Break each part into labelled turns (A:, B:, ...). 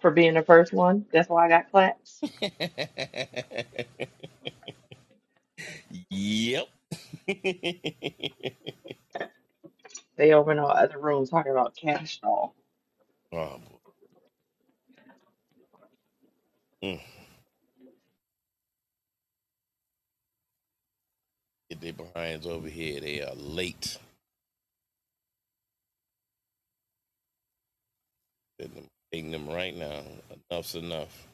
A: for being the first one. That's why I got claps.
B: yep. oh,
A: They over in our other room talking about cash doll.
B: boy. Mm. Get their behinds over here. They are late. I'm Taking them right now. Enough's enough.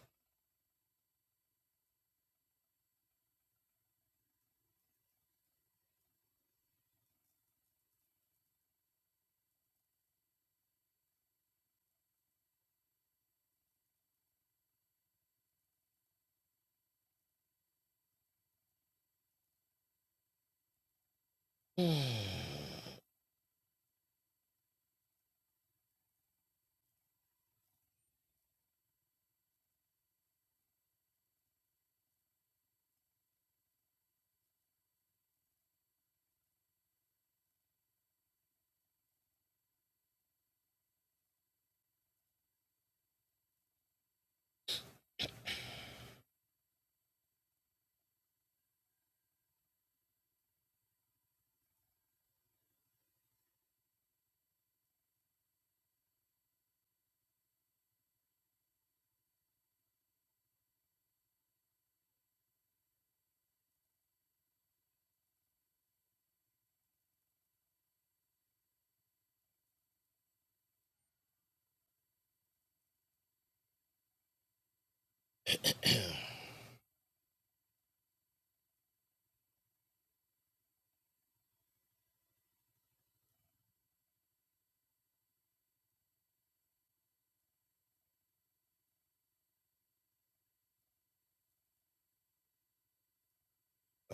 B: I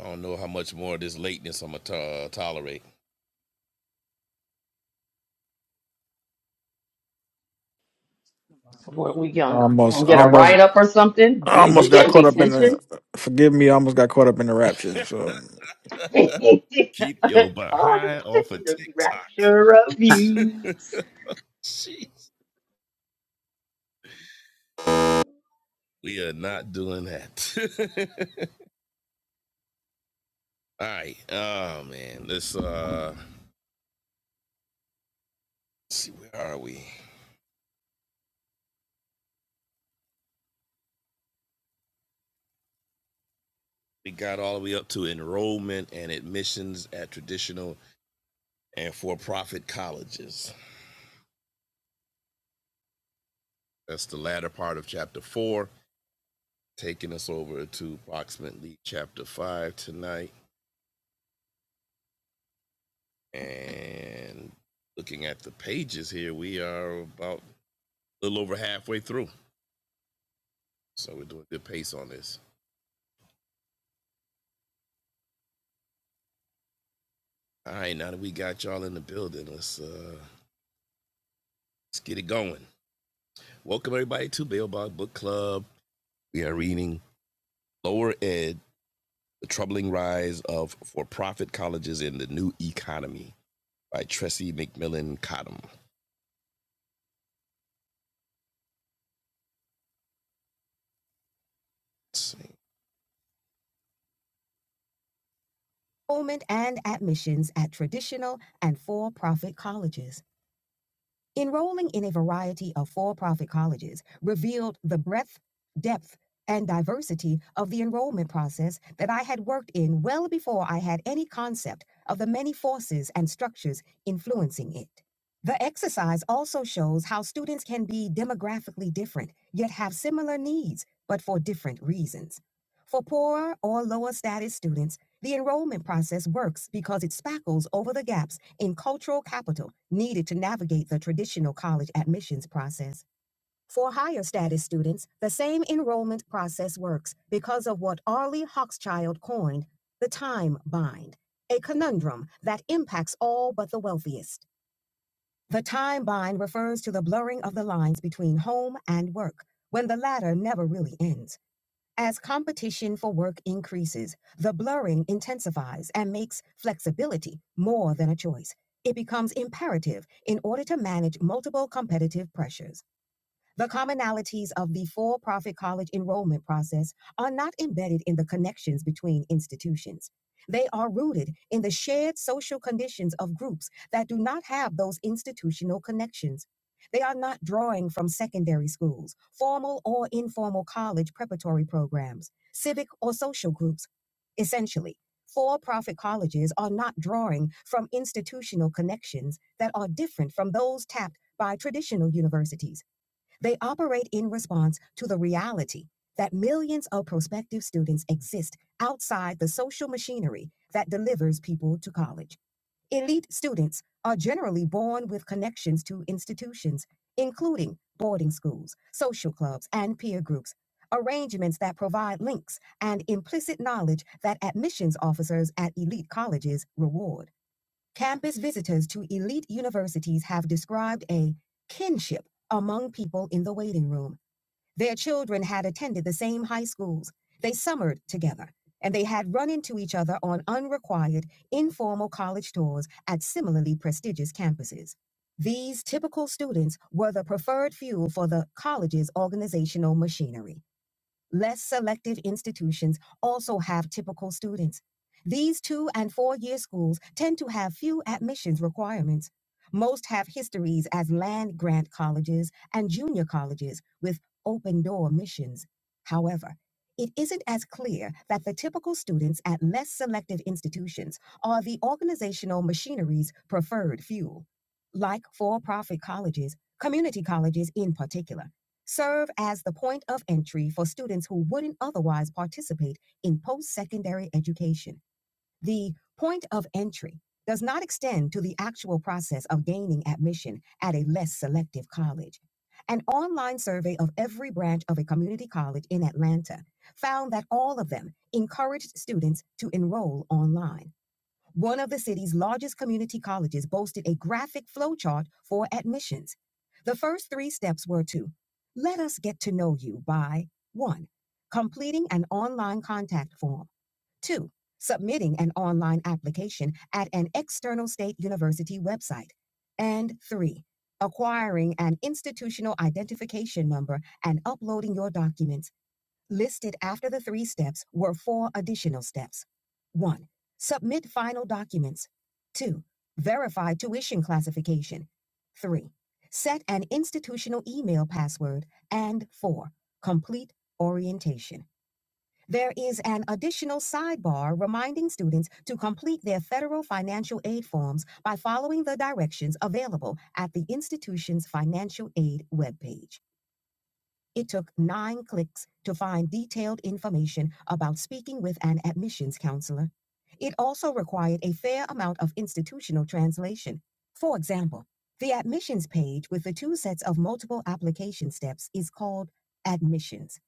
B: don't know how much more of this lateness I'm going to uh, tolerate.
A: What we gonna,
C: almost
A: gonna get a
C: almost
A: write up or something? D- We
C: almost got
A: get
C: caught up in the
A: detention?
C: forgive me almost got caught up in the rapture so
A: God,
B: Keep your behind off of
A: the
B: TikTok.
A: rapture of you.
B: Jeez. We are not doing that. all right. Oh, man. Let's uh, let's see. Where are we? We got all the way up to enrollment and admissions at traditional and for profit colleges. That's the latter part of chapter four, taking us over to approximately chapter five tonight. And looking at the pages here, we are about a little over halfway through. So we're doing good pace on this. All right, now that we got y'all in the building, let's uh let's get it going. Welcome everybody to Bail Bog Book Club. We are reading Lower Ed, The Troubling Rise of For Profit Colleges in the New Economy by Tressie McMillan Cottom. Let's see. enrollment and admissions at traditional and for profit colleges. Enrolling in a variety of for profit colleges revealed the breadth, depth, and diversity of the enrollment process that I had worked in well before I had any concept of the many forces and structures influencing it. The exercise also shows how students can be demographically different, yet have similar needs, but for different reasons. For poorer or lower status students, The enrollment process works because it spackles over the gaps in cultural capital needed to navigate the traditional college admissions process. For higher status students, the same enrollment process works because of what Arlie Hochschild coined the time bind, a conundrum that impacts all but the wealthiest. The time bind refers to the blurring of the lines between home and work, when the latter never really ends. As competition for work increases, the blurring intensifies and makes flexibility more than a choice. It becomes imperative in order to manage multiple competitive pressures. The commonalities of the for profit college enrollment process are not embedded in the connections between institutions. They are rooted in the shared social conditions of groups that do not have those institutional connections. They are not drawing from secondary schools, formal or informal college preparatory programs, civic or social groups. Essentially, for profit colleges are not drawing from institutional connections that are different from those tapped by traditional universities they operate in response to the reality that millions of prospective students exist outside the social machinery that delivers people to college. Elite students are generally born with connections to institutions, including boarding schools, social clubs, and peer groups, arrangements that provide links and implicit knowledge that admissions officers at elite colleges reward. Campus visitors to elite universities have described a kinship among people in the waiting room. Their children had attended the same high schools. They summered together, and they had run into each other on unrequired, informal college tours at similarly prestigious campuses. These typical students were the preferred fuel for the college's organizational machinery. Less selective institutions also have typical students. These two and four year schools tend to have few admissions requirements. Most have histories as land grant colleges and junior colleges with open door missions. However, it isn't as clear that the typical students at less selective institutions are the organizational machinery's preferred fuel. Like for profit colleges, community colleges in particular serve as the point of entry for students who wouldn't otherwise participate in post secondary education. The point of entry does not extend to the actual process of gaining admission at a less selective college. An online survey of every branch of a community college in Atlanta found that all of them encouraged students to enroll online. One of the city's largest community colleges boasted a graphic flowchart for admissions. The first three steps were to let us get to know you by 1. completing an online contact form, 2. submitting an online application at an external state university website, and 3. acquiring an institutional identification number and uploading your documents. Listed after the three steps were four additional steps. 1. Submit final documents. 2. Verify tuition classification. 3. Set an institutional email password. And 4. Complete orientation. There is an additional sidebar reminding students to complete their federal financial aid forms by following the directions available at the institution's financial aid webpage. It took nine clicks to find detailed information about speaking with an admissions counselor. It also required a fair amount of institutional translation. For example, the admissions page with the two sets of multiple application steps is called admissions.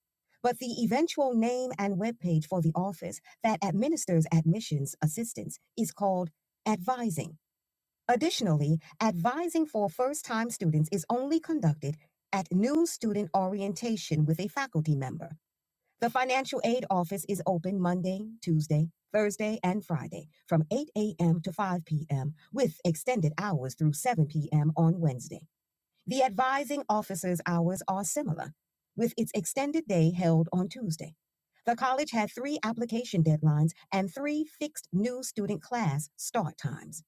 B: But the eventual name and webpage for the office that administers admissions assistance is called advising. Additionally, advising for first time students is only conducted at new student orientation with a faculty member. The financial aid office is open Monday, Tuesday, Thursday, and Friday from 8 a.m. to 5 p.m., with extended hours through 7 p.m. on Wednesday. The advising officer's hours are similar, with its extended day held on Tuesday. The college had three application deadlines and three fixed new student class start times.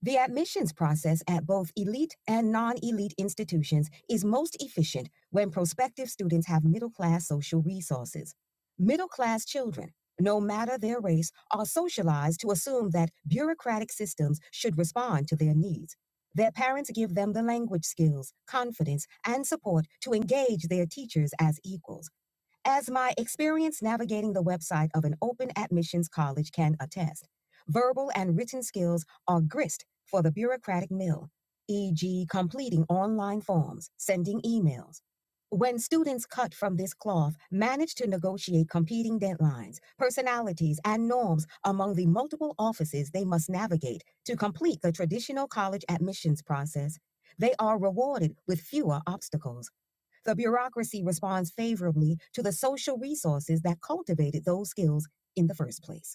B: The admissions process at both elite and non elite institutions is most efficient when prospective students have middle class social resources. Middle class children, no matter their race, are socialized to assume that bureaucratic systems should respond to their needs. Their parents give them the language skills, confidence, and support to engage their teachers as equals. As my experience navigating the website of an open admissions college can attest, verbal and written skills are grist for the bureaucratic mill, e.g., completing online forms, sending emails. When students cut from this cloth manage to negotiate competing deadlines, personalities, and norms among the multiple offices they must navigate to complete the traditional college admissions process, they are rewarded with fewer obstacles. The bureaucracy responds favorably to the social resources that cultivated those skills in the first place.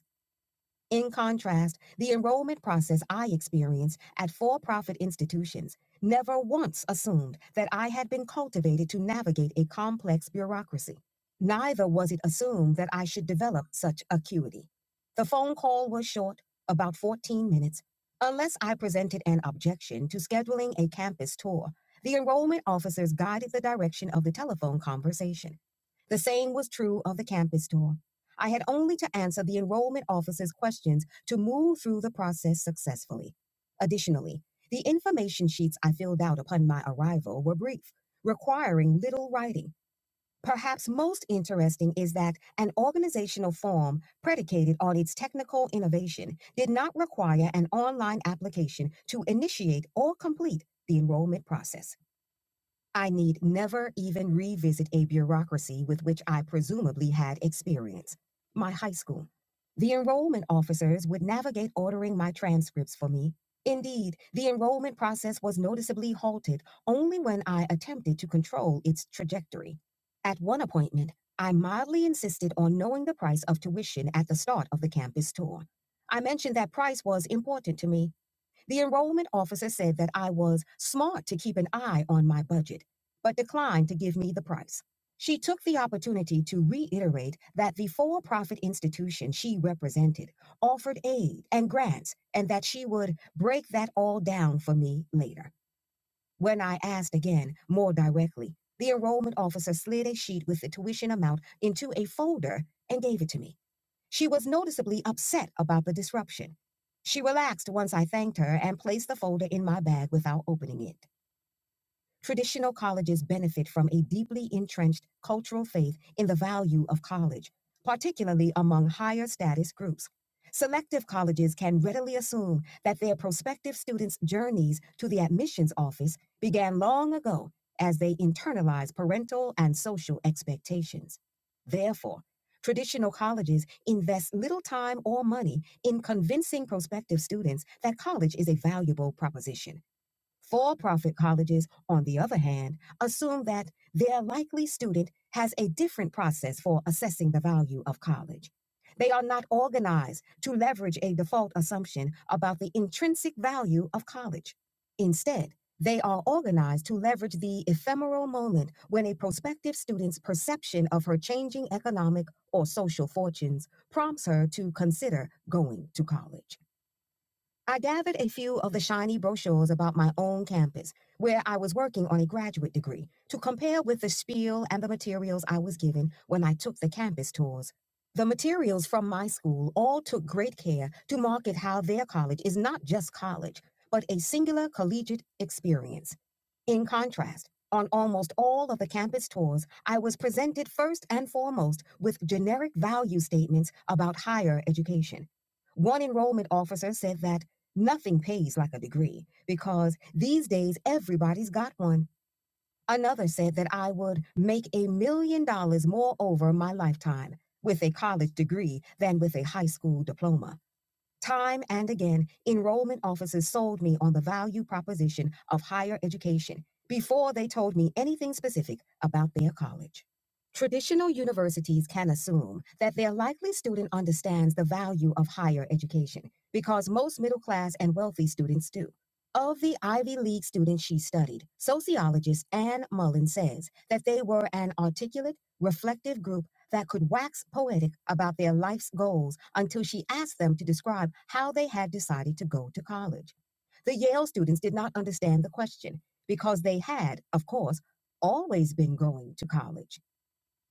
B: In contrast, the enrollment process I experienced at for profit institutions never once assumed that I had been cultivated to navigate a complex bureaucracy. Neither was it assumed that I should develop such acuity. The phone call was short, about 14 minutes. Unless I presented an objection to scheduling a campus tour, the enrollment officers guided the direction of the telephone conversation. The same was true of the campus tour. I had only to answer the enrollment officer's questions to move through the process successfully. Additionally, the information sheets I filled out upon my arrival were brief, requiring little writing. Perhaps most interesting is that an organizational form predicated on its technical innovation did not require an online application to initiate or complete the enrollment process. I need never even revisit a bureaucracy with which I presumably had experience my high school. The enrollment officers would navigate ordering my transcripts for me. Indeed, the enrollment process was noticeably halted only when I attempted to control its trajectory. At one appointment, I mildly insisted on knowing the price of tuition at the start of the campus tour. I mentioned that price was important to me, the enrollment officer said that I was smart to keep an eye on my budget, but declined to give me the price. She took the opportunity to reiterate that the for profit institution she represented offered aid and grants and that she would break that all down for me later. When I asked again, more directly, the enrollment officer slid a sheet with the tuition amount into a folder and gave it to me. She was noticeably upset about the disruption. She relaxed once I thanked her and placed the folder in my bag without opening it. Traditional colleges benefit from a deeply entrenched cultural faith in the value of college, particularly among higher status groups. Selective colleges can readily assume that their prospective students' journeys to the admissions office began long ago as they internalize parental and social expectations. Therefore, traditional colleges invest little time or money in convincing prospective students that college is a valuable proposition. For profit colleges, on the other hand, assume that their likely student has a different process for assessing the value of college. They are not organized to leverage a default assumption about the intrinsic value of college. Instead, they are organized to leverage the ephemeral moment when a prospective student's perception of her changing economic or social fortunes prompts her to consider going to college. I gathered a few of the shiny brochures about my own campus, where I was working on a graduate degree, to compare with the spiel and the materials I was given when I took the campus tours. The materials from my school all took great care to market how their college is not just college, but a singular collegiate experience. In contrast, on almost all of the campus tours, I was presented first and foremost with generic value statements about higher education. One enrollment officer said that. Nothing pays like a degree because these days everybody's got one. Another said that I would make a million dollars more over my lifetime with a college degree than with a high school diploma. Time and again, enrollment officers sold me on the value proposition of higher education before they told me anything specific about their college. Traditional universities can assume that their likely student understands the value of higher education because most middle class and wealthy students do. Of the Ivy League students she studied, sociologist Anne Mullen says that they were an articulate, reflective group that could wax poetic about their life's goals until she asked them to describe how they had decided to go to college. The Yale students did not understand the question because they had, of course, always been going to college.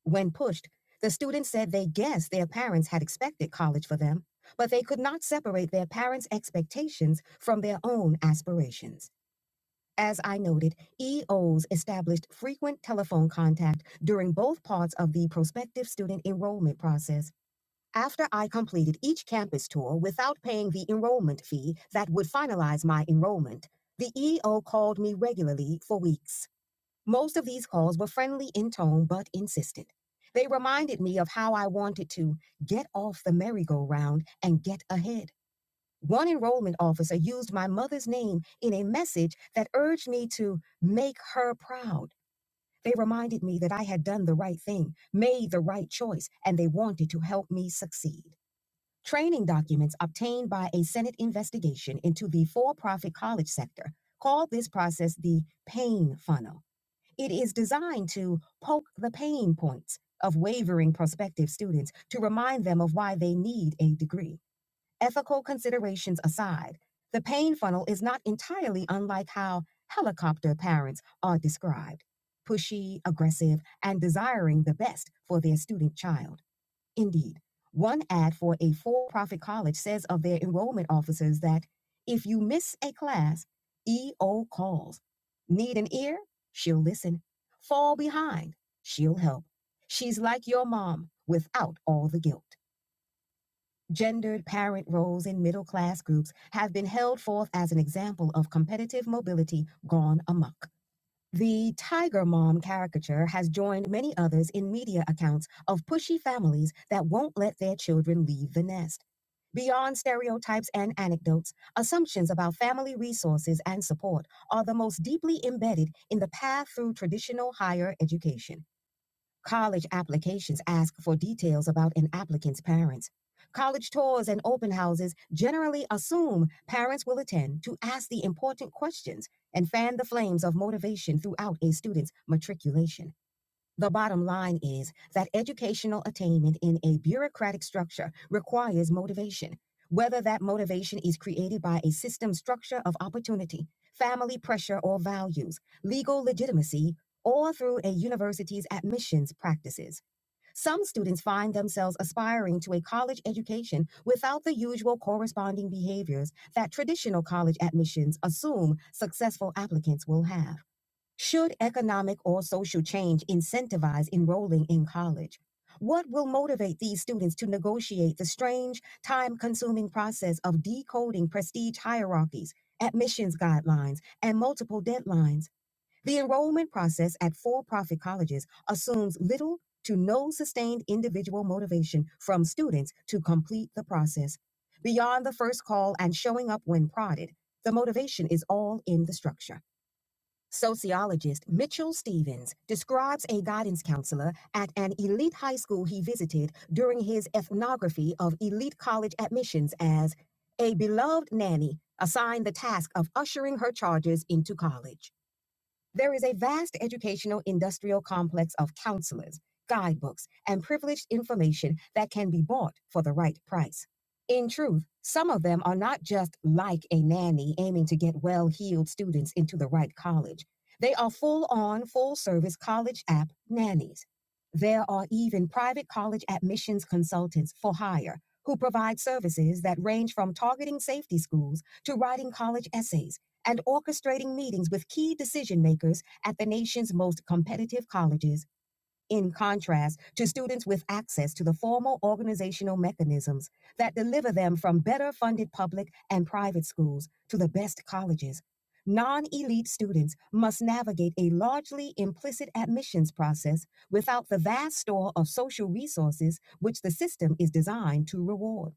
B: When pushed, the students said they guessed their parents had expected college for them, but they could not separate their parents' expectations from their own aspirations. As I noted, EOs established frequent telephone contact during both parts of the prospective student enrollment process. After I completed each campus tour without paying the enrollment fee that would finalize my enrollment, the EO called me regularly for weeks. Most of these calls were friendly in tone but insistent. They reminded me of how I wanted to get off the merry-go-round and get ahead. One enrollment officer used my mother's name in a message that urged me to make her proud. They reminded me that I had done the right thing, made the right choice, and they wanted to help me succeed. Training documents obtained by a Senate investigation into the for profit college sector called this process the pain funnel. It is designed to poke the pain points of wavering prospective students to remind them of why they need a degree. Ethical considerations aside, the pain funnel is not entirely unlike how helicopter parents are described pushy, aggressive, and desiring the best for their student child. Indeed, one ad for a for profit college says of their enrollment officers that if you miss a class, EO calls. Need an ear? She'll listen. Fall behind? She'll help. She's like your mom without all the guilt. Gendered parent roles in middle class groups have been held forth as an example of competitive mobility gone amok. The Tiger Mom caricature has joined many others in media accounts of pushy families that won't let their children leave the nest. Beyond stereotypes and anecdotes, assumptions about family resources and support are the most deeply embedded in the path through traditional higher education. College applications ask for details about an applicant's parents. College tours and open houses generally assume parents will attend to ask the important questions and fan the flames of motivation throughout a student's matriculation. The bottom line is that educational attainment in a bureaucratic structure requires motivation, whether that motivation is created by a system structure of opportunity, family pressure or values, legal legitimacy, or through a university's admissions practices. Some students find themselves aspiring to a college education without the usual corresponding behaviors that traditional college admissions assume successful applicants will have. Should economic or social change incentivize enrolling in college? What will motivate these students to negotiate the strange, time consuming process of decoding prestige hierarchies, admissions guidelines, and multiple deadlines? The enrollment process at for profit colleges assumes little to no sustained individual motivation from students to complete the process. Beyond the first call and showing up when prodded, the motivation is all in the structure. Sociologist Mitchell Stevens describes a guidance counselor at an elite high school he visited during his ethnography of elite college admissions as a beloved nanny assigned the task of ushering her charges into college. There is a vast educational industrial complex of counselors, guidebooks, and privileged information that can be bought for the right price. In truth, some of them are not just like a nanny aiming to get well heeled students into the right college. They are full on, full service college app nannies. There are even private college admissions consultants for hire who provide services that range from targeting safety schools to writing college essays and orchestrating meetings with key decision makers at the nation's most competitive colleges, in contrast to students with access to the formal organizational mechanisms that deliver them from better funded public and private schools to the best colleges. Non elite students must navigate a largely implicit admissions process without the vast store of social resources which the system is designed to reward.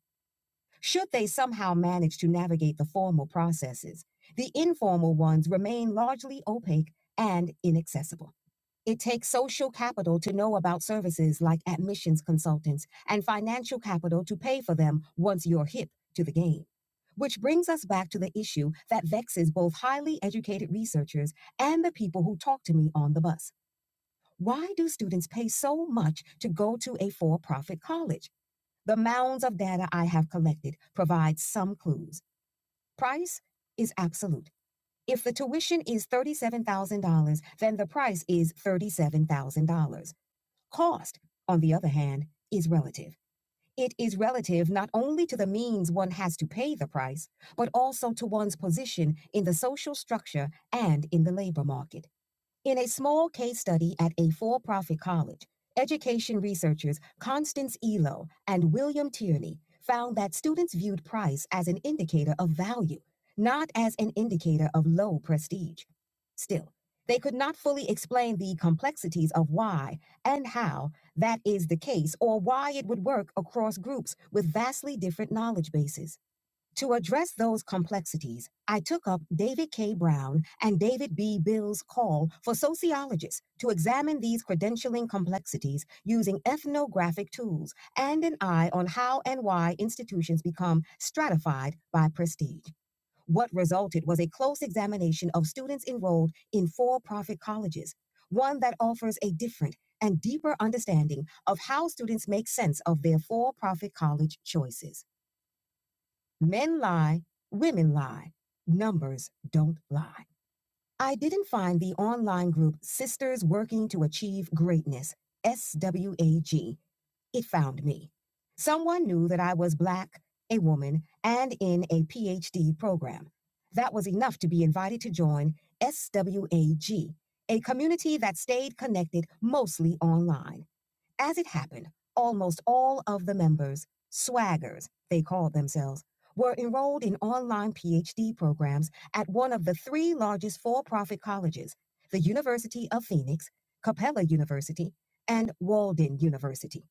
B: Should they somehow manage to navigate the formal processes, the informal ones remain largely opaque and inaccessible. It takes social capital to know about services like admissions consultants and financial capital to pay for them once you're hip to the game. Which brings us back to the issue that vexes both highly educated researchers and the people who talk to me on the bus. Why do students pay so much to go to a for profit college? The mounds of data I have collected provide some clues. Price is absolute. If the tuition is $37,000, then the price is $37,000. Cost, on the other hand, is relative. It is relative not only to the means one has to pay the price, but also to one's position in the social structure and in the labor market. In a small case study at a for profit college, education researchers Constance Elo and William Tierney found that students viewed price as an indicator of value, not as an indicator of low prestige. Still, they could not fully explain the complexities of why and how that is the case or why it would work across groups with vastly different knowledge bases. To address those complexities, I took up David K. Brown and David B. Bill's call for sociologists to examine these credentialing complexities using ethnographic tools and an eye on how and why institutions become stratified by prestige. What resulted was a close examination of students enrolled in for profit colleges, one that offers a different and deeper understanding of how students make sense of their for profit college choices. Men lie, women lie, numbers don't lie. I didn't find the online group Sisters Working to Achieve Greatness, SWAG. It found me. Someone knew that I was Black, a woman, and in a PhD program. That was enough to be invited to join SWAG, a G, a community that stayed connected mostly online. As it happened, almost all of the members, swaggers, they called themselves, were enrolled in online PhD programs at one of the three largest for profit colleges the University of Phoenix, Capella University, and Walden University.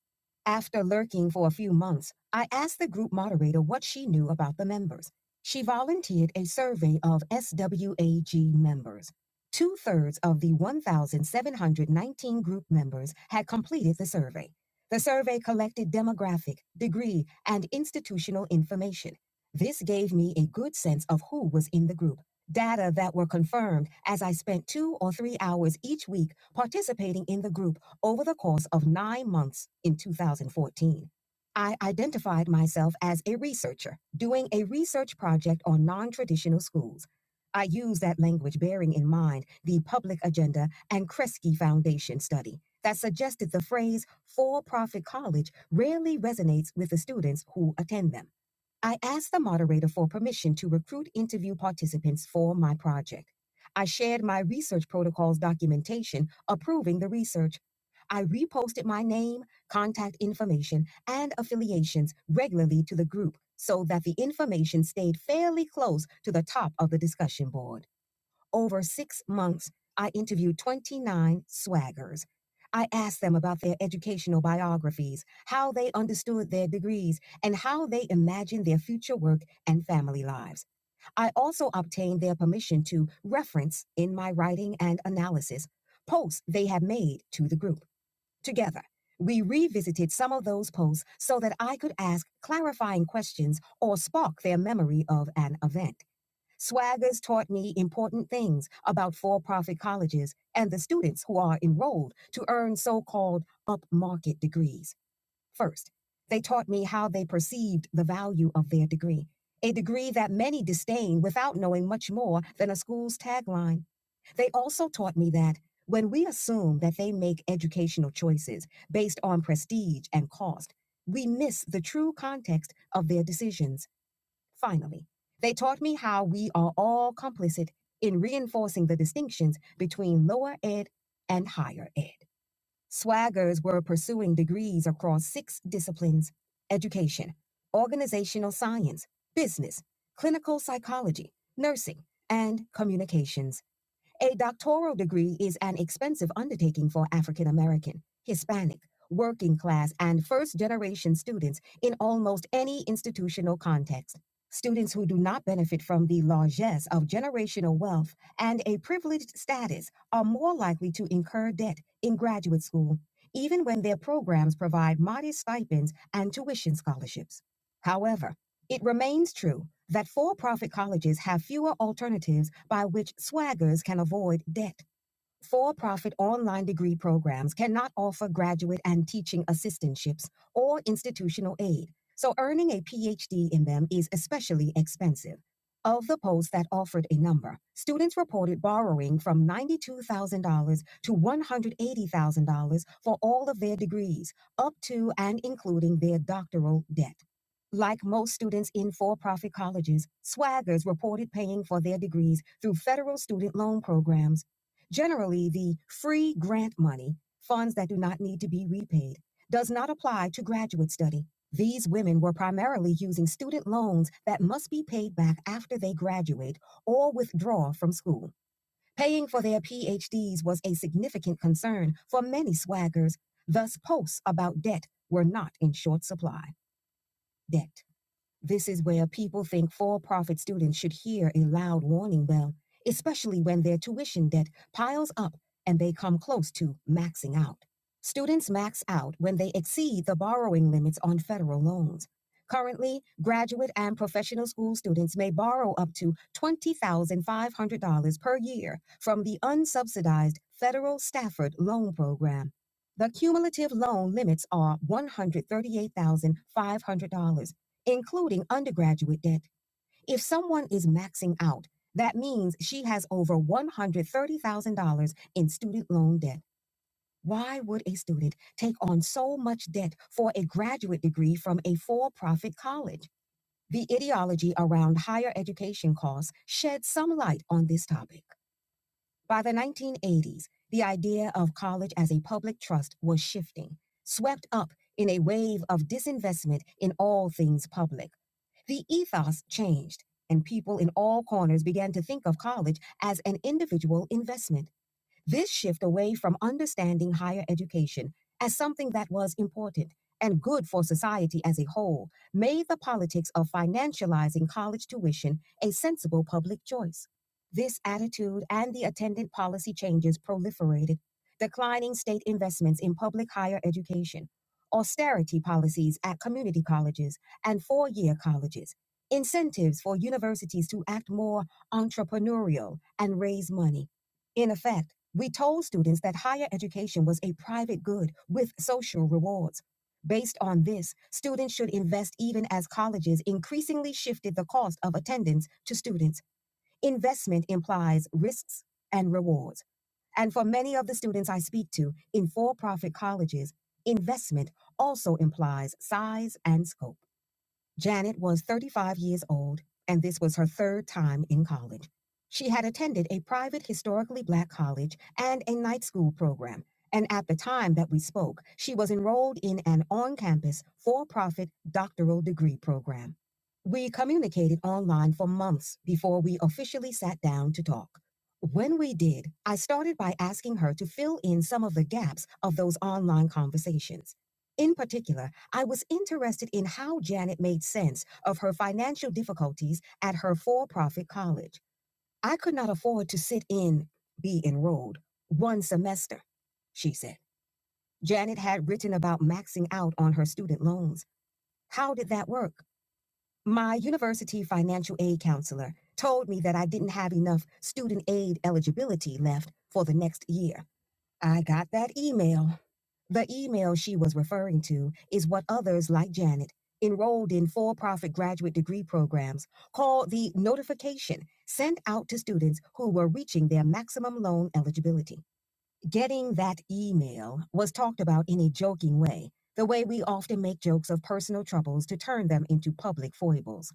B: After lurking for a few months, I asked the group moderator what she knew about the members. She volunteered a survey of SWAG members. Two thirds of the 1,719 group members had completed the survey. The survey collected demographic, degree, and institutional information. This gave me a good sense of who was in the group, data that were confirmed as I spent two or three hours each week participating in the group over the course of nine months in 2014. I identified myself as a researcher, doing a research project on non traditional schools. I use that language bearing in mind the public agenda and Kresge Foundation study that suggested the phrase for profit college rarely resonates with the students who attend them. I asked the moderator for permission to recruit interview participants for my project. I shared my research protocols documentation approving the research. I reposted my name, contact information, and affiliations regularly to the group so that the information stayed fairly close to the top of the discussion board. Over six months, I interviewed 29 swaggers. I asked them about their educational biographies, how they understood their degrees, and how they imagined their future work and family lives. I also obtained their permission to reference in my writing and analysis posts they had made to the group. Together, we revisited some of those posts so that I could ask clarifying questions or spark their memory of an event. Swaggers taught me important things about for profit colleges and the students who are enrolled to earn so called upmarket degrees. First, they taught me how they perceived the value of their degree, a degree that many disdain without knowing much more than a school's tagline. They also taught me that when we assume that they make educational choices based on prestige and cost, we miss the true context of their decisions. Finally, they taught me how we are all complicit in reinforcing the distinctions between lower ed and higher ed. Swaggers were pursuing degrees across six disciplines education, organizational science, business, clinical psychology, nursing, and communications. A doctoral degree is an expensive undertaking for African American, Hispanic, working class, and first generation students in almost any institutional context. Students who do not benefit from the largesse of generational wealth and a privileged status are more likely to incur debt in graduate school, even when their programs provide modest stipends and tuition scholarships. However, it remains true that for profit colleges have fewer alternatives by which swaggers can avoid debt. For profit online degree programs cannot offer graduate and teaching assistantships or institutional aid, so earning a PhD in them is especially expensive. Of the posts that offered a number, students reported borrowing from $92,000 to $180,000 for all of their degrees, up to and including their doctoral debt. Like most students in for profit colleges, swaggers reported paying for their degrees through federal student loan programs Generally, the free grant money, funds that do not need to be repaid, does not apply to graduate study. These women were primarily using student loans that must be paid back after they graduate or withdraw from school. Paying for their PhDs was a significant concern for many swaggers, thus, posts about debt were not in short supply. Debt. This is where people think for profit students should hear a loud warning bell, especially when their tuition debt piles up and they come close to maxing out. Students max out when they exceed the borrowing limits on federal loans. Currently, graduate and professional school students may borrow up to $20,500 per year from the unsubsidized federal Stafford Loan Program. The cumulative loan limits are $138,500 including undergraduate debt. If someone is maxing out, that means she has over $130,000 in student loan debt. Why would a student take on so much debt for a graduate degree from a for profit college? The ideology around higher education costs shed some light on this topic. By the 1980s, the idea of college as a public trust was shifting, swept up in a wave of disinvestment in all things public. The ethos changed, and people in all corners began to think of college as an individual investment. This shift away from understanding higher education as something that was important and good for society as a whole made the politics of financializing college tuition a sensible public choice. This attitude and the attendant policy changes proliferated, declining state investments in public higher education, austerity policies at community colleges and four year colleges, incentives for universities to act more entrepreneurial and raise money in effect, we told students that higher education was a private good with social rewards. Based on this, students should invest even as colleges increasingly shifted the cost of attendance to students. Investment implies risks and rewards. And for many of the students I speak to in for profit colleges, investment also implies size and scope. Janet was 35 years old, and this was her third time in college. She had attended a private historically black college and a night school program, and at the time that we spoke, she was enrolled in an on campus, for profit doctoral degree program. We communicated online for months before we officially sat down to talk. When we did, I started by asking her to fill in some of the gaps of those online conversations. In particular, I was interested in how Janet made sense of her financial difficulties at her for profit college. I could not afford to sit in, be enrolled, one semester, she said. Janet had written about maxing out on her student loans. How did that work? My university financial aid counselor told me that I didn't have enough student aid eligibility left for the next year. I got that email. The email she was referring to is what others like Janet, enrolled in for profit graduate degree programs, call the notification sent out to students who were reaching their maximum loan eligibility. Getting that email was talked about in a joking way, the way we often make jokes of personal troubles to turn them into public foibles.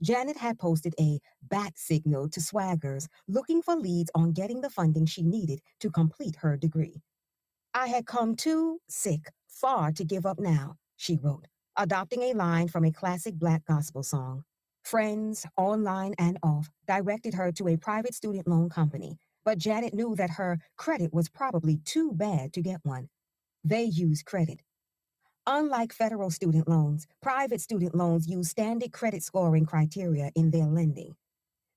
B: Janet had posted a bat signal to swaggers looking for leads on getting the funding she needed to complete her degree. I had come too sick, far to give up now, she wrote, adopting a line from a classic black gospel song. Friends, online and off, directed her to a private student loan company, but Janet knew that her credit was probably too bad to get one. They use credit. Unlike federal student loans, private student loans use standard credit scoring criteria in their lending.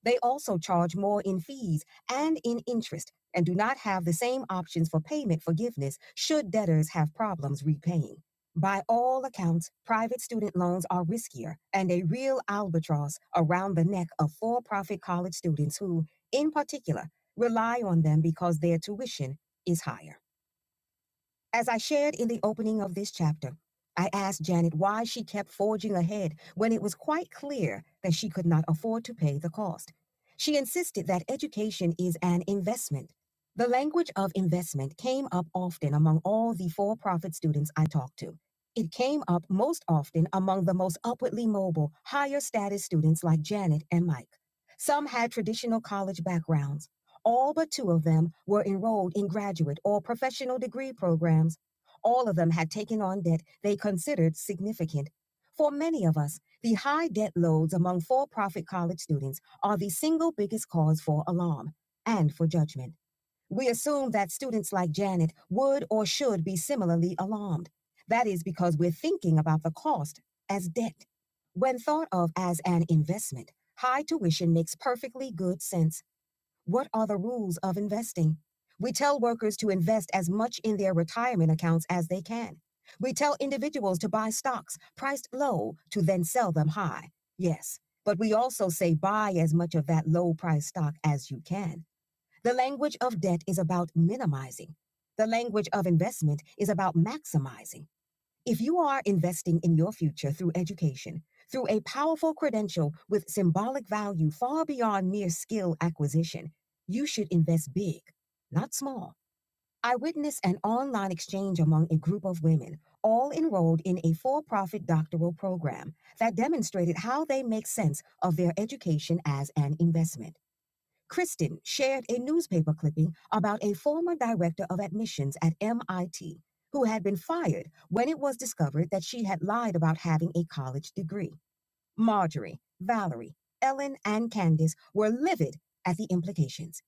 B: They also charge more in fees and in interest and do not have the same options for payment forgiveness should debtors have problems repaying. By all accounts, private student loans are riskier and a real albatross around the neck of for profit college students who, in particular, rely on them because their tuition is higher. As I shared in the opening of this chapter, I asked Janet why she kept forging ahead when it was quite clear that she could not afford to pay the cost. She insisted that education is an investment. The language of investment came up often among all the for profit students I talked to. It came up most often among the most upwardly mobile, higher status students like Janet and Mike. Some had traditional college backgrounds. All but two of them were enrolled in graduate or professional degree programs. All of them had taken on debt they considered significant. For many of us, the high debt loads among for profit college students are the single biggest cause for alarm and for judgment. We assume that students like Janet would or should be similarly alarmed. That is because we're thinking about the cost as debt. When thought of as an investment, high tuition makes perfectly good sense what are the rules of investing? We tell workers to invest as much in their retirement accounts as they can. We tell individuals to buy stocks priced low to then sell them high. Yes, but we also say buy as much of that low priced stock as you can. The language of debt is about minimizing. The language of investment is about maximizing. If you are investing in your future through education, through a powerful credential with symbolic value far beyond mere skill acquisition, you should invest big, not small. I witnessed an online exchange among a group of women, all enrolled in a for profit doctoral program that demonstrated how they make sense of their education as an investment. Kristen shared a newspaper clipping about a former director of admissions at MIT who had been fired when it was discovered that she had lied about having a college degree. Marjorie, Valerie, Ellen, and Candace were livid at the implications.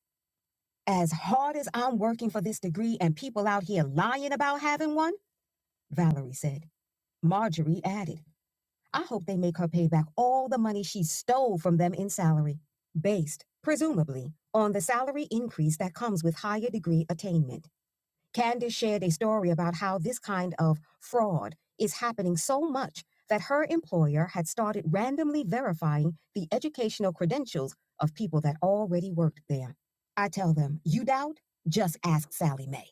B: As hard as I'm working for this degree and people out here lying about having one, Valerie said. Marjorie added. I hope they make her pay back all the money she stole from them in salary, based, presumably, on the salary increase that comes with higher degree attainment. Candace shared a story about how this kind of fraud is happening so much that her employer had started randomly verifying the educational credentials of people that already worked there. I tell them, you doubt? Just ask Sally Mae.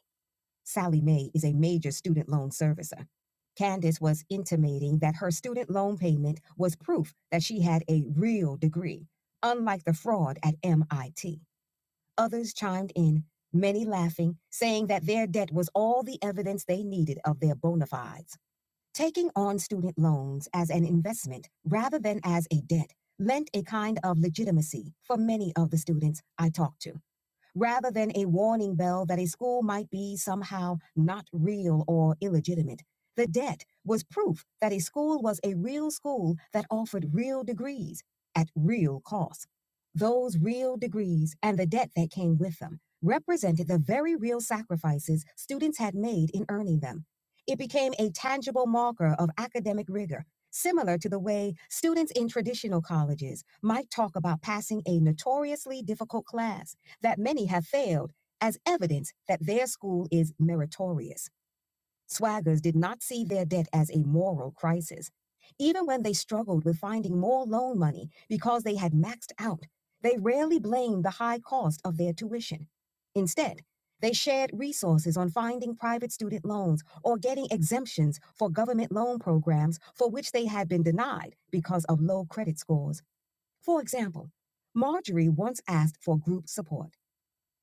B: Sally Mae is a major student loan servicer. Candace was intimating that her student loan payment was proof that she had a real degree, unlike the fraud at MIT. Others chimed in, many laughing, saying that their debt was all the evidence they needed of their bona fides. Taking on student loans as an investment rather than as a debt lent a kind of legitimacy for many of the students I talked to rather than a warning bell that a school might be somehow not real or illegitimate. The debt was proof that a school was a real school that offered real degrees at real cost. Those real degrees and the debt that came with them represented the very real sacrifices students had made in earning them. It became a tangible marker of academic rigor, similar to the way students in traditional colleges might talk about passing a notoriously difficult class that many have failed as evidence that their school is meritorious. Swaggers did not see their debt as a moral crisis. Even when they struggled with finding more loan money because they had maxed out, they rarely blamed the high cost of their tuition. Instead, they shared resources on finding private student loans or getting exemptions for government loan programs for which they had been denied because of low credit scores. For example, Marjorie once asked for group support.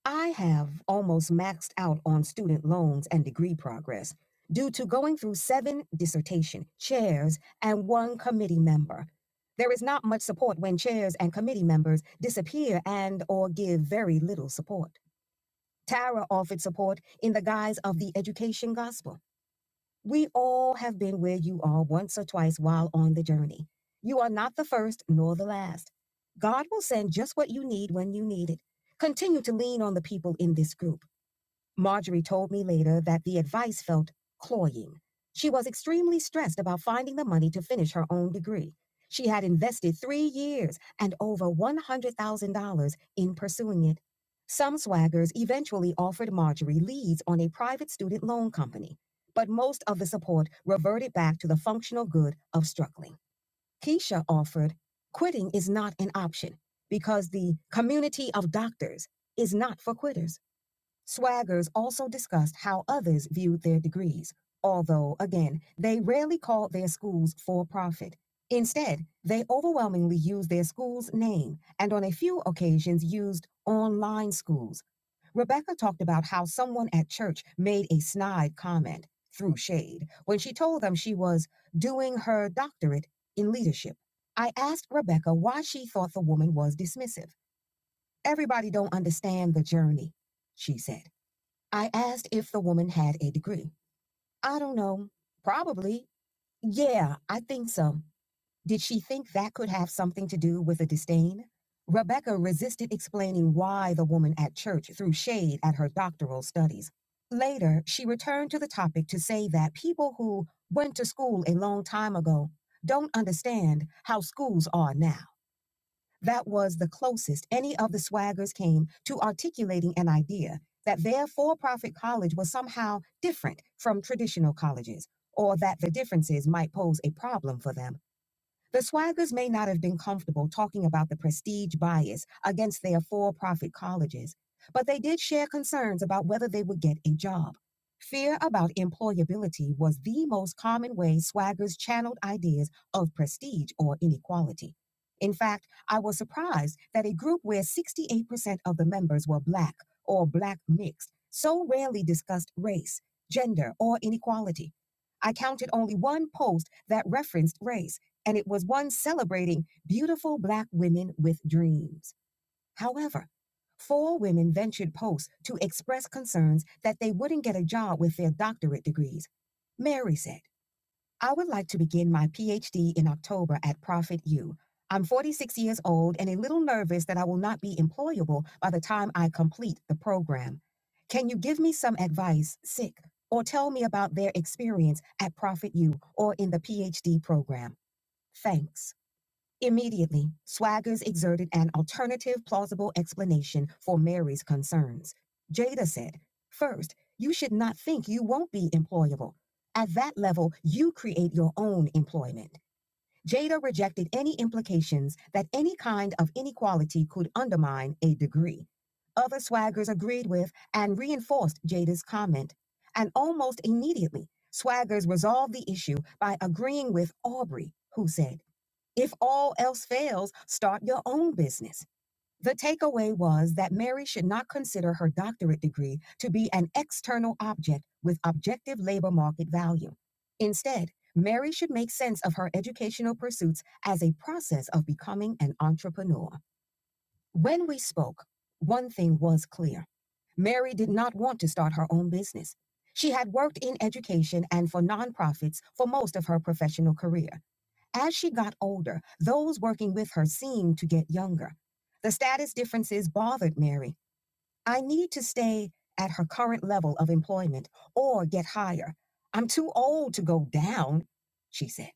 B: I have almost maxed out on student loans and degree progress due to going through seven dissertation chairs and one committee member. There is not much support when chairs and committee members disappear and or give very little support. Tara offered support in the guise of the education gospel. We all have been where you are once or twice while on the journey. You are not the first nor the last. God will send just what you need when you need it. Continue to lean on the people in this group. Marjorie told me later that the advice felt cloying. She was extremely stressed about finding the money to finish her own degree. She had invested three years and over $100,000 in pursuing it. Some swaggers eventually offered Marjorie leads on a private student loan company, but most of the support reverted back to the functional good of struggling. Keisha offered quitting is not an option because the community of doctors is not for quitters. Swaggers also discussed how others viewed their degrees, although, again, they rarely called their schools for profit. Instead, they overwhelmingly used their school's name and on a few occasions used online schools. Rebecca talked about how someone at church made a snide comment through shade when she told them she was doing her doctorate in leadership. I asked Rebecca why she thought the woman was dismissive. Everybody don't understand the journey, she said. I asked if the woman had a degree. I don't know. Probably. Yeah, I think so. Did she think that could have something to do with a disdain? Rebecca resisted explaining why the woman at church threw shade at her doctoral studies. Later, she returned to the topic to say that people who went to school a long time ago don't understand how schools are now. That was the closest any of the swaggers came to articulating an idea that their for profit college was somehow different from traditional colleges, or that the differences might pose a problem for them the swaggers may not have been comfortable talking about the prestige bias against their for profit colleges, but they did share concerns about whether they would get a job. Fear about employability was the most common way swaggers channeled ideas of prestige or inequality. In fact, I was surprised that a group where 68% of the members were Black or Black mixed so rarely discussed race, gender, or inequality. I counted only one post that referenced race and it was one celebrating beautiful Black women with dreams. However, four women ventured posts to express concerns that they wouldn't get a job with their doctorate degrees. Mary said, I would like to begin my PhD in October at Profit U. I'm 46 years old and a little nervous that I will not be employable by the time I complete the program. Can you give me some advice, sick, or tell me about their experience at Profit U or in the PhD program? Thanks. Immediately, Swaggers exerted an alternative plausible explanation for Mary's concerns. Jada said, First, you should not think you won't be employable. At that level, you create your own employment. Jada rejected any implications that any kind of inequality could undermine a degree. Other swaggers agreed with and reinforced Jada's comment. And almost immediately, swaggers resolved the issue by agreeing with Aubrey, who said, if all else fails, start your own business. The takeaway was that Mary should not consider her doctorate degree to be an external object with objective labor market value. Instead, Mary should make sense of her educational pursuits as a process of becoming an entrepreneur. When we spoke, one thing was clear Mary did not want to start her own business. She had worked in education and for nonprofits for most of her professional career. As she got older, those working with her seemed to get younger. The status differences bothered Mary. I need to stay at her current level of employment or get higher. I'm too old to go down, she said.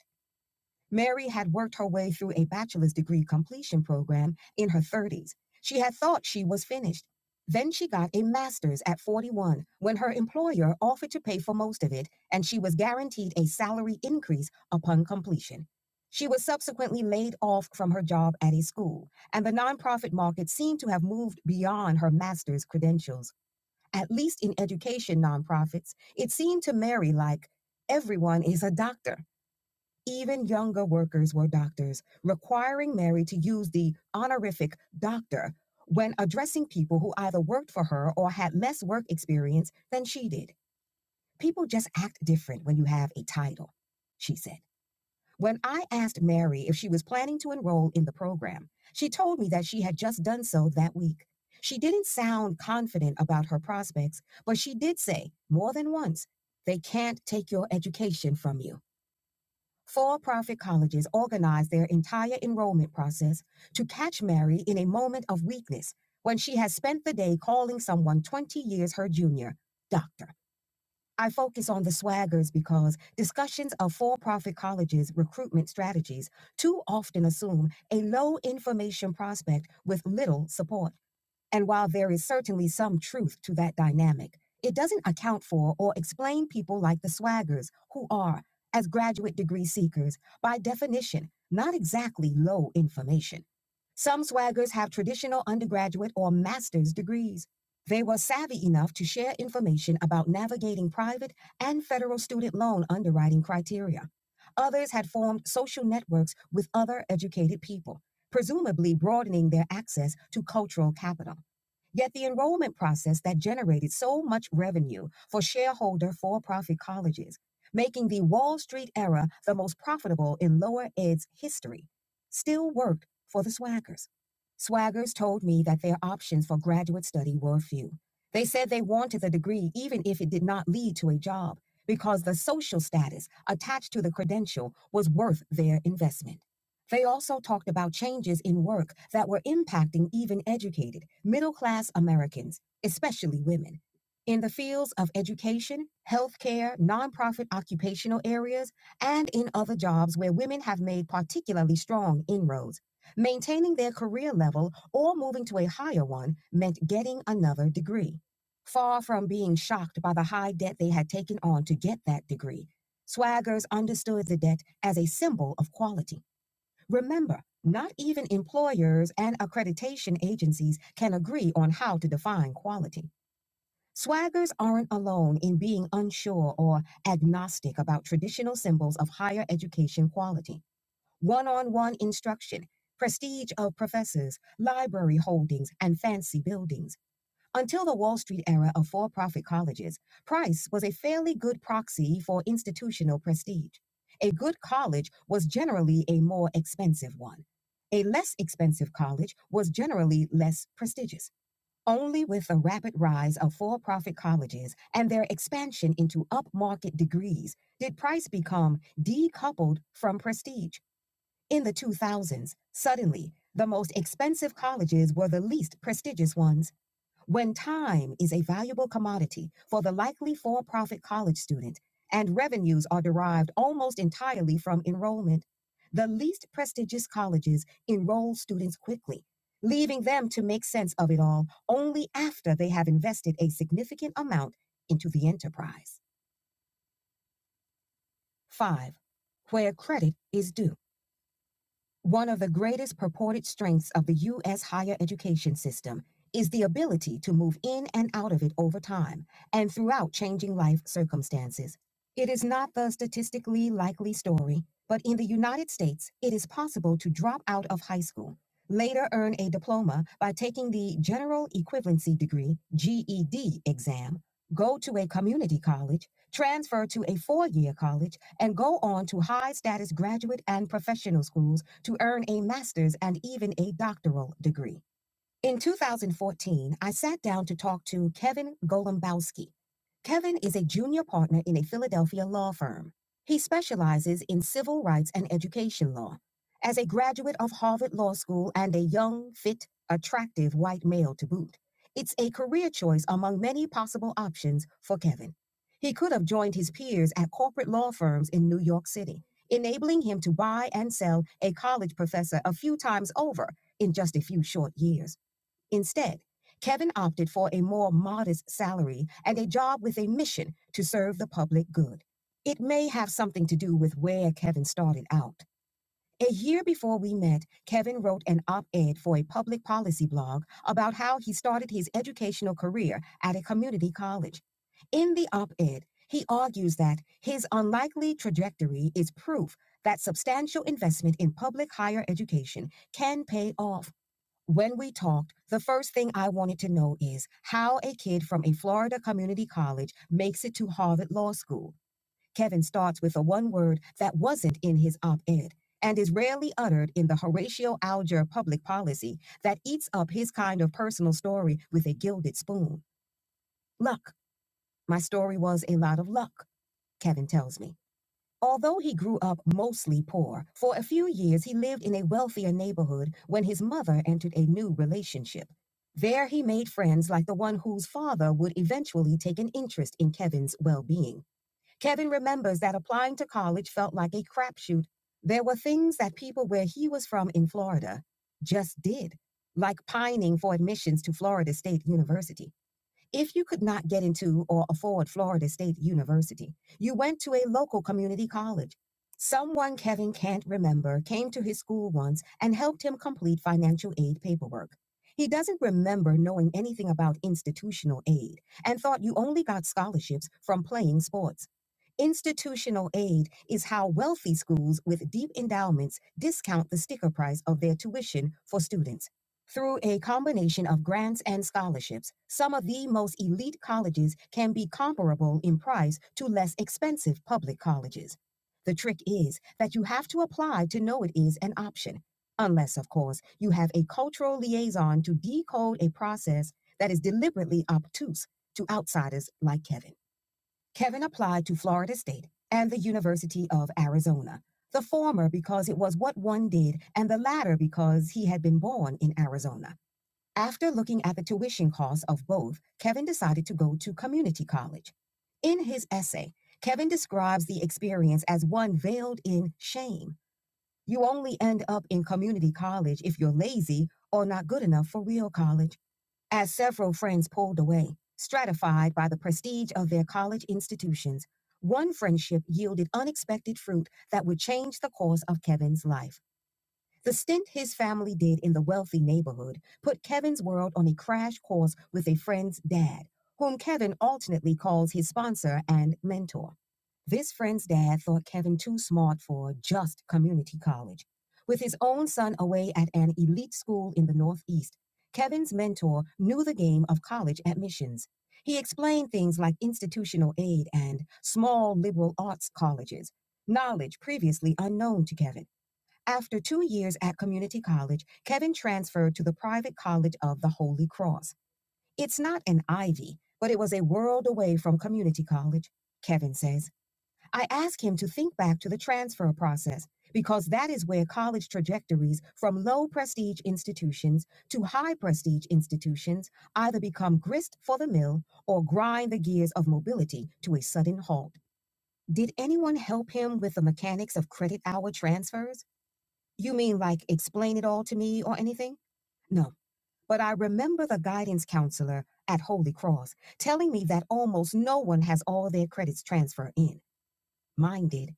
B: Mary had worked her way through a bachelor's degree completion program in her 30s. She had thought she was finished. Then she got a master's at 41 when her employer offered to pay for most of it and she was guaranteed a salary increase upon completion. She was subsequently laid off from her job at a school, and the nonprofit market seemed to have moved beyond her master's credentials. At least in education nonprofits, it seemed to Mary like everyone is a doctor. Even younger workers were doctors, requiring Mary to use the honorific doctor when addressing people who either worked for her or had less work experience than she did. People just act different when you have a title, she said. When I asked Mary if she was planning to enroll in the program, she told me that she had just done so that week. She didn't sound confident about her prospects, but she did say more than once, they can't take your education from you. For profit colleges organize their entire enrollment process to catch Mary in a moment of weakness when she has spent the day calling someone 20 years her junior, doctor. I focus on the swaggers because discussions of for profit colleges' recruitment strategies too often assume a low information prospect with little support. And while there is certainly some truth to that dynamic, it doesn't account for or explain people like the swaggers, who are, as graduate degree seekers, by definition, not exactly low information. Some swaggers have traditional undergraduate or master's degrees. They were savvy enough to share information about navigating private and federal student loan underwriting criteria. Others had formed social networks with other educated people, presumably broadening their access to cultural capital. Yet the enrollment process that generated so much revenue for shareholder for profit colleges, making the Wall Street era the most profitable in lower ed's history, still worked for the swaggers. Swaggers told me that their options for graduate study were few. They said they wanted the degree even if it did not lead to a job, because the social status attached to the credential was worth their investment. They also talked about changes in work that were impacting even educated, middle class Americans, especially women. In the fields of education, healthcare, nonprofit occupational areas, and in other jobs where women have made particularly strong inroads, maintaining their career level or moving to a higher one meant getting another degree. Far from being shocked by the high debt they had taken on to get that degree, swaggers understood the debt as a symbol of quality. Remember, not even employers and accreditation agencies can agree on how to define quality. Swaggers aren't alone in being unsure or agnostic about traditional symbols of higher education quality. One on one instruction, prestige of professors, library holdings, and fancy buildings. Until the Wall Street era of for profit colleges, Price was a fairly good proxy for institutional prestige. A good college was generally a more expensive one. A less expensive college was generally less prestigious. Only with the rapid rise of for profit colleges and their expansion into upmarket degrees did Price become decoupled from prestige. In the 2000s, suddenly, the most expensive colleges were the least prestigious ones. When time is a valuable commodity for the likely for profit college student and revenues are derived almost entirely from enrollment, the least prestigious colleges enroll students quickly, leaving them to make sense of it all only after they have invested a significant amount into the enterprise. 5. Where credit is due. One of the greatest purported strengths of the U.S. higher education system is the ability to move in and out of it over time and throughout changing life circumstances. It is not the statistically likely story, but in the United States, it is possible to drop out of high school, later earn a diploma by taking the General Equivalency Degree GED exam, go to a community college, transfer to a four year college, and go on to high status graduate and professional schools to earn a master's and even a doctoral degree. In 2014, I sat down to talk to Kevin Golombowski. Kevin is a junior partner in a Philadelphia law firm. He specializes in civil rights and education law. As a graduate of Harvard Law School and a young, fit, attractive white male to boot, it's a career choice among many possible options for Kevin. He could have joined his peers at corporate law firms in New York City, enabling him to buy and sell a college professor a few times over in just a few short years. Instead, Kevin opted for a more modest salary and a job with a mission to serve the public good. It may have something to do with where Kevin started out. A year before we met, Kevin wrote an op ed for a public policy blog about how he started his educational career at a community college. In the op ed, he argues that his unlikely trajectory is proof that substantial investment in public higher education can pay off when we talked, the first thing I wanted to know is how a kid from a Florida community college makes it to Harvard Law School. Kevin starts with a one word that wasn't in his op ed and is rarely uttered in the Horatio Alger public policy that eats up his kind of personal story with a gilded spoon. Luck. My story was a lot of luck, Kevin tells me. Although he grew up mostly poor, for a few years he lived in a wealthier neighborhood when his mother entered a new relationship. There he made friends like the one whose father would eventually take an interest in Kevin's well being. Kevin remembers that applying to college felt like a crapshoot. There were things that people where he was from in Florida just did, like pining for admissions to Florida State University. If you could not get into or afford Florida State University, you went to a local community college. Someone Kevin can't remember came to his school once and helped him complete financial aid paperwork. He doesn't remember knowing anything about institutional aid and thought you only got scholarships from playing sports. Institutional aid is how wealthy schools with deep endowments discount the sticker price of their tuition for students through a combination of grants and scholarships, some of the most elite colleges can be comparable in price to less expensive public colleges. The trick is that you have to apply to know it is an option, unless, of course, you have a cultural liaison to decode a process that is deliberately obtuse to outsiders like Kevin. Kevin applied to Florida State and the University of Arizona, the former because it was what one did, and the latter because he had been born in Arizona. After looking at the tuition costs of both, Kevin decided to go to community college. In his essay, Kevin describes the experience as one veiled in shame. You only end up in community college if you're lazy or not good enough for real college. As several friends pulled away, stratified by the prestige of their college institutions, one friendship yielded unexpected fruit that would change the course of Kevin's life. The stint his family did in the wealthy neighborhood put Kevin's world on a crash course with a friend's dad, whom Kevin alternately calls his sponsor and mentor. This friend's dad thought Kevin too smart for just community college. With his own son away at an elite school in the Northeast, Kevin's mentor knew the game of college admissions. He explained things like institutional aid and small liberal arts colleges, knowledge previously unknown to Kevin. After two years at community college, Kevin transferred to the private college of the Holy Cross. It's not an Ivy, but it was a world away from community college, Kevin says. I ask him to think back to the transfer process because that is where college trajectories from low prestige institutions to high prestige institutions either become grist for the mill or grind the gears of mobility to a sudden halt. Did anyone help him with the mechanics of credit hour transfers? You mean like explain it all to me or anything? No. But I remember the guidance counselor at Holy Cross telling me that almost no one has all their credits transferred in. Mine did.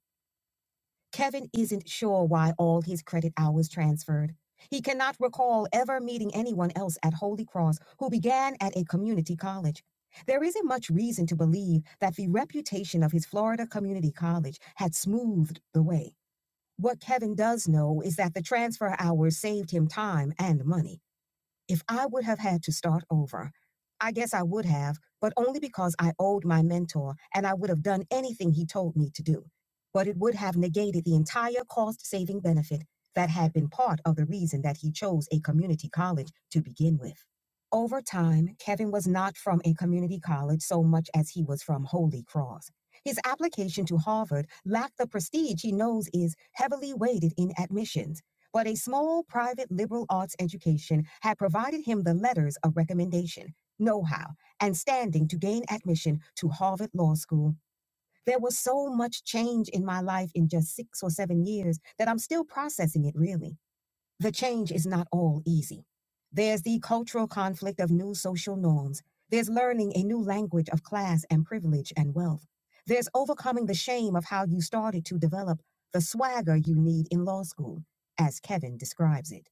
B: Kevin isn't sure why all his credit hours transferred. He cannot recall ever meeting anyone else at Holy Cross who began at a community college. There isn't much reason to believe that the reputation of his Florida community college had smoothed the way. What Kevin does know is that the transfer hours saved him time and money. If I would have had to start over, I guess I would have, but only because I owed my mentor and I would have done anything he told me to do. But it would have negated the entire cost saving benefit that had been part of the reason that he chose a community college to begin with. Over time, Kevin was not from a community college so much as he was from Holy Cross. His application to Harvard lacked the prestige he knows is heavily weighted in admissions but a small private liberal arts education had provided him the letters of recommendation, know how, and standing to gain admission to Harvard Law School. There was so much change in my life in just six or seven years that I'm still processing it really. The change is not all easy. There's the cultural conflict of new social norms. There's learning a new language of class and privilege and wealth. There's overcoming the shame of how you started to develop the swagger you need in law school, as Kevin describes it.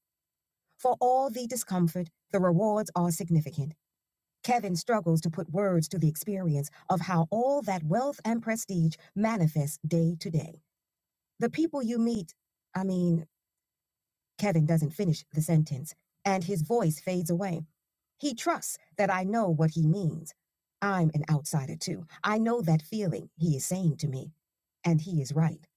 B: For all the discomfort, the rewards are significant. Kevin struggles to put words to the experience of how all that wealth and prestige manifests day to day. The people you meet, I mean, Kevin doesn't finish the sentence, and his voice fades away. He trusts that I know what he means. I'm an outsider too. I know that feeling he is saying to me. And he is right.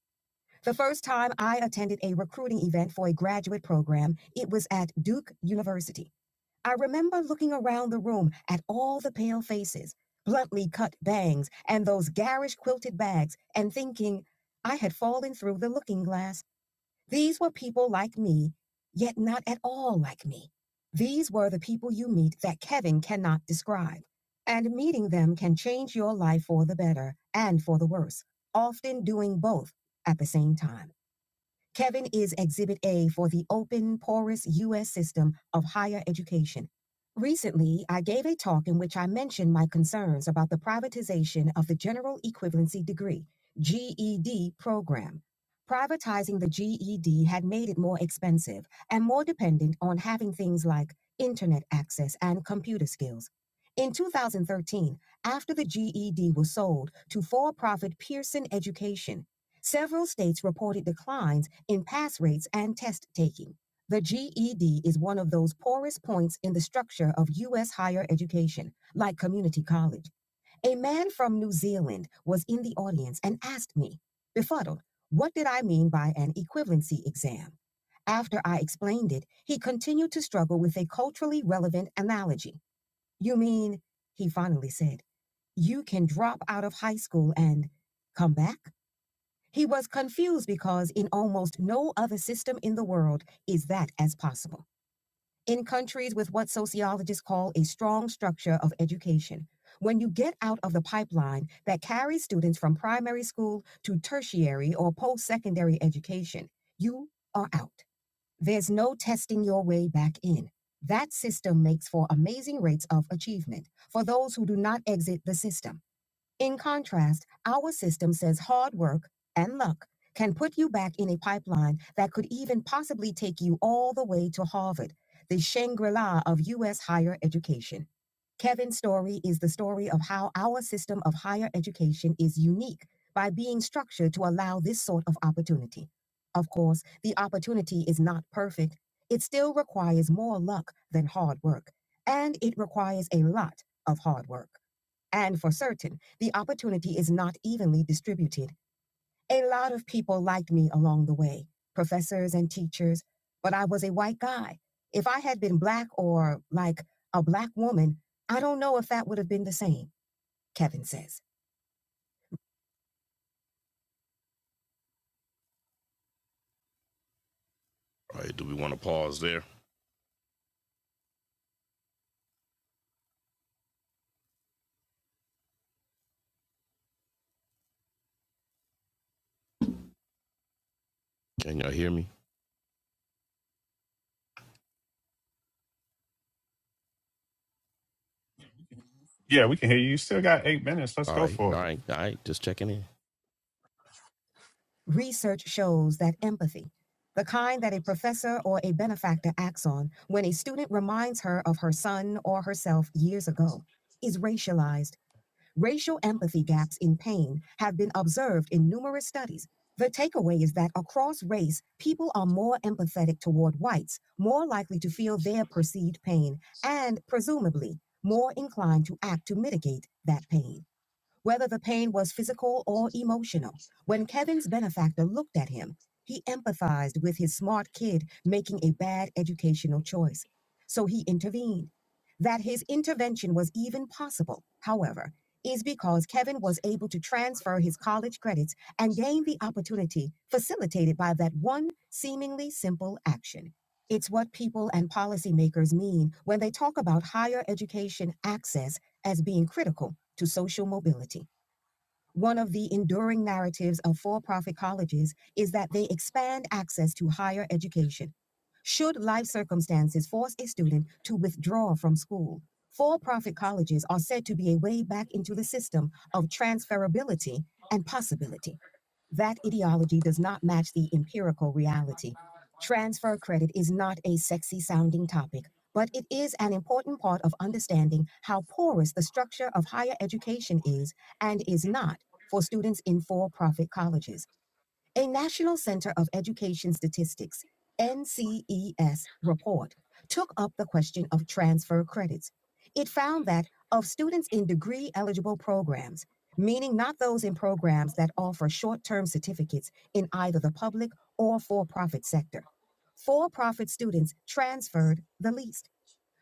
B: The first time I attended a recruiting event for a graduate program, it was at Duke University. I remember looking around the room at all the pale faces, bluntly cut bangs, and those garish quilted bags, and thinking, I had fallen through the looking glass. These were people like me, yet not at all like me. These were the people you meet that Kevin cannot describe. And meeting them can change your life for the better and for the worse, often doing both at the same time. Kevin is Exhibit A for the open, porous U.S. system of higher education. Recently, I gave a talk in which I mentioned my concerns about the privatization of the General Equivalency Degree, GED, program. Privatizing the GED had made it more expensive and more dependent on having things like internet access and computer skills. In 2013, after the GED was sold to for profit Pearson Education, Several states reported declines in pass rates and test taking. The GED is one of those poorest points in the structure of U.S. higher education, like community college. A man from New Zealand was in the audience and asked me, befuddled, what did I mean by an equivalency exam? After I explained it, he continued to struggle with a culturally relevant analogy. You mean, he finally said, you can drop out of high school and come back? He was confused because in almost no other system in the world is that as possible. In countries with what sociologists call a strong structure of education, when you get out of the pipeline that carries students from primary school to tertiary or post secondary education, you are out. There's no testing your way back in. That system makes for amazing rates of achievement for those who do not exit the system. In contrast, our system says hard work and luck can put you back in a pipeline that could even possibly take you all the way to Harvard, the Shangri La of U.S. higher education. Kevin's story is the story of how our system of higher education is unique by being structured to allow this sort of opportunity. Of course, the opportunity is not perfect. It still requires more luck than hard work, and it requires a lot of hard work. And for certain, the opportunity is not evenly distributed. A lot of people liked me along the way, professors and teachers, but I was a white guy. If I had been black or like a black woman, I don't know if that would have been the same, Kevin says. All right, do we want to pause there? Can y'all hear me?
D: Yeah, we can hear you. You still got eight minutes. Let's
B: All
D: go
B: right, all
D: for it.
B: right, all right, just checking in. Research shows that empathy, the kind that a professor or a benefactor acts on when a student reminds her of her son or herself years ago, is racialized. Racial empathy gaps in pain have been observed in numerous studies. The takeaway is that across race, people are more empathetic toward whites, more likely to feel their perceived pain, and presumably more inclined to act to mitigate that pain whether the pain was physical or emotional. When Kevin's benefactor looked at him, he empathized with his smart kid making a bad educational choice. So he intervened. That his intervention was even possible, however, is because Kevin was able to transfer his college credits and gain the opportunity facilitated by that one seemingly simple action. It's what people and policymakers mean when they talk about higher education access as being critical to social mobility. One of the enduring narratives of for profit colleges is that they expand access to higher education. Should life circumstances force a student to withdraw from school, for profit colleges are said to be a way back into the system of transferability and possibility. That ideology does not match the empirical reality. Transfer credit is not a sexy sounding topic, but it is an important part of understanding how porous the structure of higher education is and is not for students in for profit colleges. A National Center of Education Statistics NCES report took up the question of transfer credits. It found that of students in degree eligible programs, meaning not those in programs that offer short term certificates in either the public or for profit sector, for profit students transferred the least.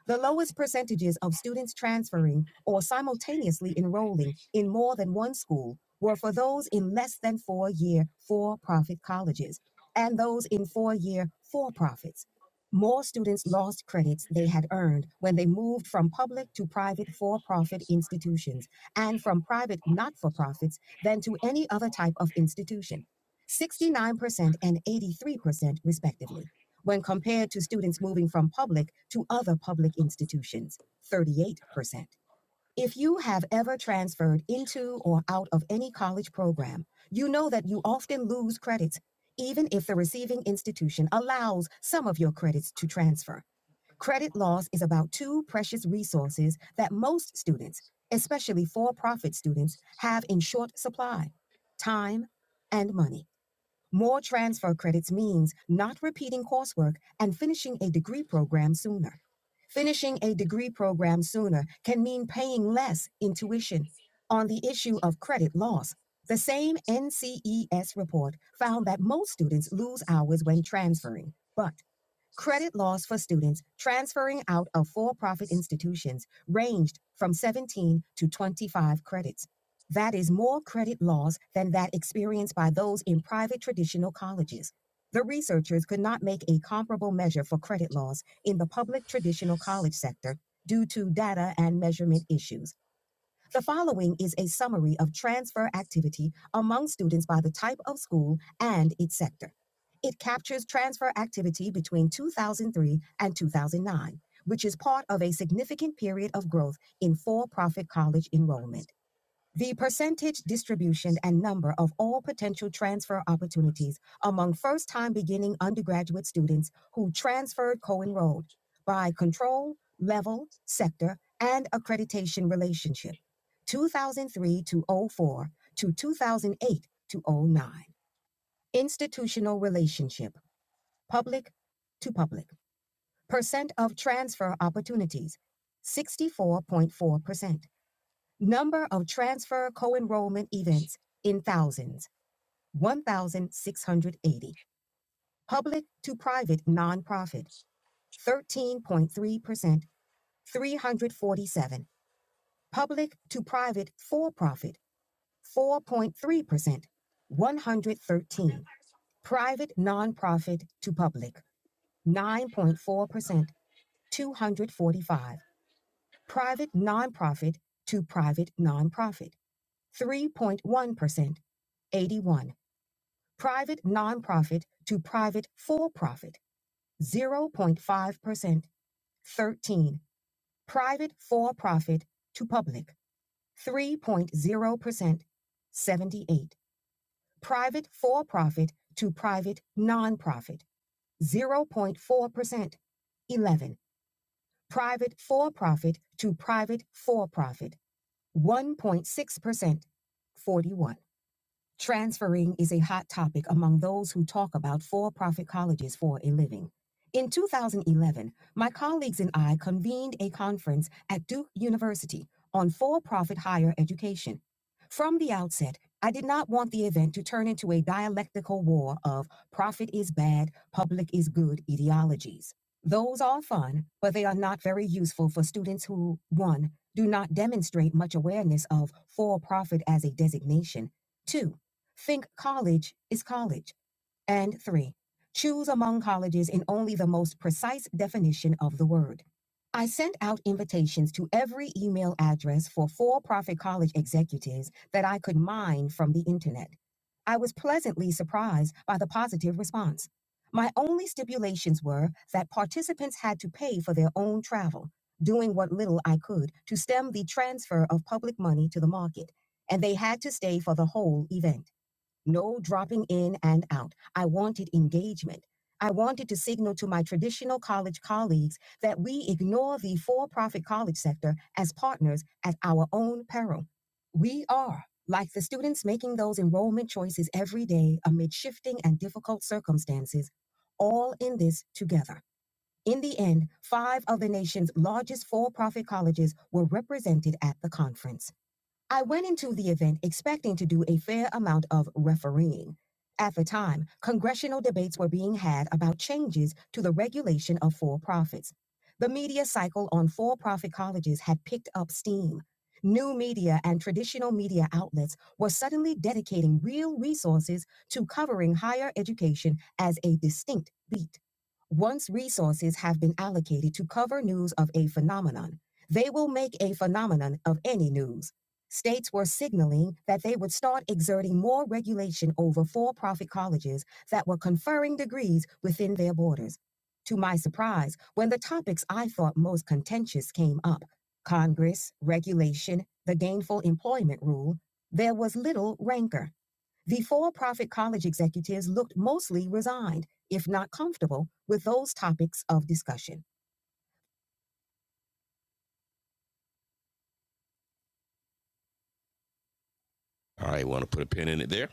B: The lowest percentages of students transferring or simultaneously enrolling in more than one school were for those in less than four year for profit colleges and those in four year for profits. More students lost credits they had earned when they moved from public to private for profit institutions and from private not for profits than to any other type of institution, 69% and 83%, respectively when compared to students moving from public to other public institutions, 38%. If you have ever transferred into or out of any college program, you know that you often lose credits, even if the receiving institution allows some of your credits to transfer. Credit loss is about two precious resources that most students, especially for profit students, have in short supply time and money. More transfer credits means not repeating coursework and finishing a degree program sooner. Finishing a degree program sooner can mean paying less in tuition. On the issue of credit loss, the same NCES report found that most students lose hours when transferring, but Credit laws for students transferring out of for profit institutions ranged from 17 to 25 credits. That is more credit loss than that experienced by those in private traditional colleges. The researchers could not make a comparable measure for credit laws in the public traditional college sector due to data and measurement issues. The following is a summary of transfer activity among students by the type of school and its sector. It captures transfer activity between 2003 and 2009, which is part of a significant period of growth in for profit college enrollment. The percentage distribution and number of all potential transfer opportunities among first time beginning undergraduate students who transferred co enrolled by control, level, sector, and accreditation relationship 2003 to '04 to 2008 to '09 Institutional relationship public to public. Percent of transfer opportunities 64.4%. Number of transfer co-enrollment events in thousands, 1,680. Public to private nonprofit, 13.3%, 347. Public to private for-profit, 4.3%, 113. Private nonprofit to public, 9.4%, 245. Private nonprofit to private nonprofit, 3.1%, 81. private nonprofit to private for profit 0.5%. 13. Private for profit to public 3.0%. 78. Private for profit to private nonprofit 0.4%. 11. Private for profit to private for profit 1.6%. 41. Transferring is a hot topic among those who talk about for profit colleges for a living. In 2011, my colleagues and I convened a conference at Duke University on for profit higher education. From the outset, I did not want the event to turn into a dialectical war of profit is bad, public is good ideologies. Those are fun, but they are not very useful for students who, one, do not demonstrate much awareness of for profit as a designation. Two, Think college is college. And three, choose among colleges in only the most precise definition of the word. I sent out invitations to every email address for for profit college executives that I could mine from the internet. I was pleasantly surprised by the positive response. My only stipulations were that participants had to pay for their own travel, doing what little I could to stem the transfer of public money to the market, and they had to stay for the whole event. No dropping in and out. I wanted engagement. I wanted to signal to my traditional college colleagues that we ignore the for profit college sector as partners at our own peril. We are, like the students making those enrollment choices every day amid shifting and difficult circumstances, all in this together. In the end, five of the nation's largest for profit colleges were represented at the conference. I went into the event expecting to do a fair amount of refereeing. At the time, congressional debates were being had about changes to the regulation of for profits. The media cycle on for profit colleges had picked up steam. New media and traditional media outlets were suddenly dedicating real resources to covering higher education as a distinct beat. Once resources have been allocated to cover news of a phenomenon, they will make a phenomenon of any news. States were signaling that they would start exerting more regulation over for profit colleges that were conferring degrees within their borders. To my surprise, when the topics I thought most contentious came up Congress, regulation, the gainful employment rule there was little rancor. The for profit college executives looked mostly resigned, if not comfortable, with those topics of discussion. All right, want to put a pin in it there?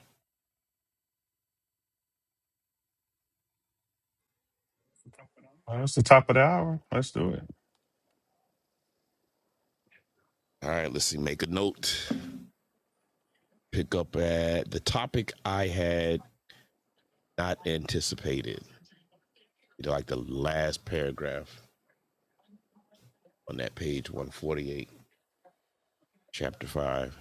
D: Well, it's the top of the hour. Let's do it.
B: All right, let's see, make a note. pick up at the topic I had not anticipated. You know, like the last paragraph on that page 148, chapter 5.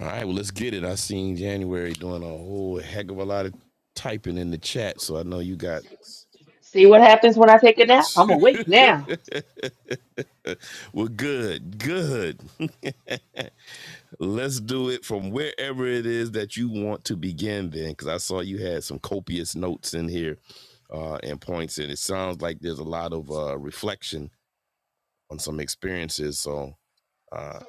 B: All right, well, let's get it. I seen January doing a whole heck of a lot of typing in the chat, so I know you got.
A: See what happens when I take a nap? I'm awake now.
B: well, good, good. Let's do it from wherever it is that you want to begin, then, because I saw you had some copious notes in here uh, and points, and it sounds like there's a lot of uh, reflection on some experiences. So, uh,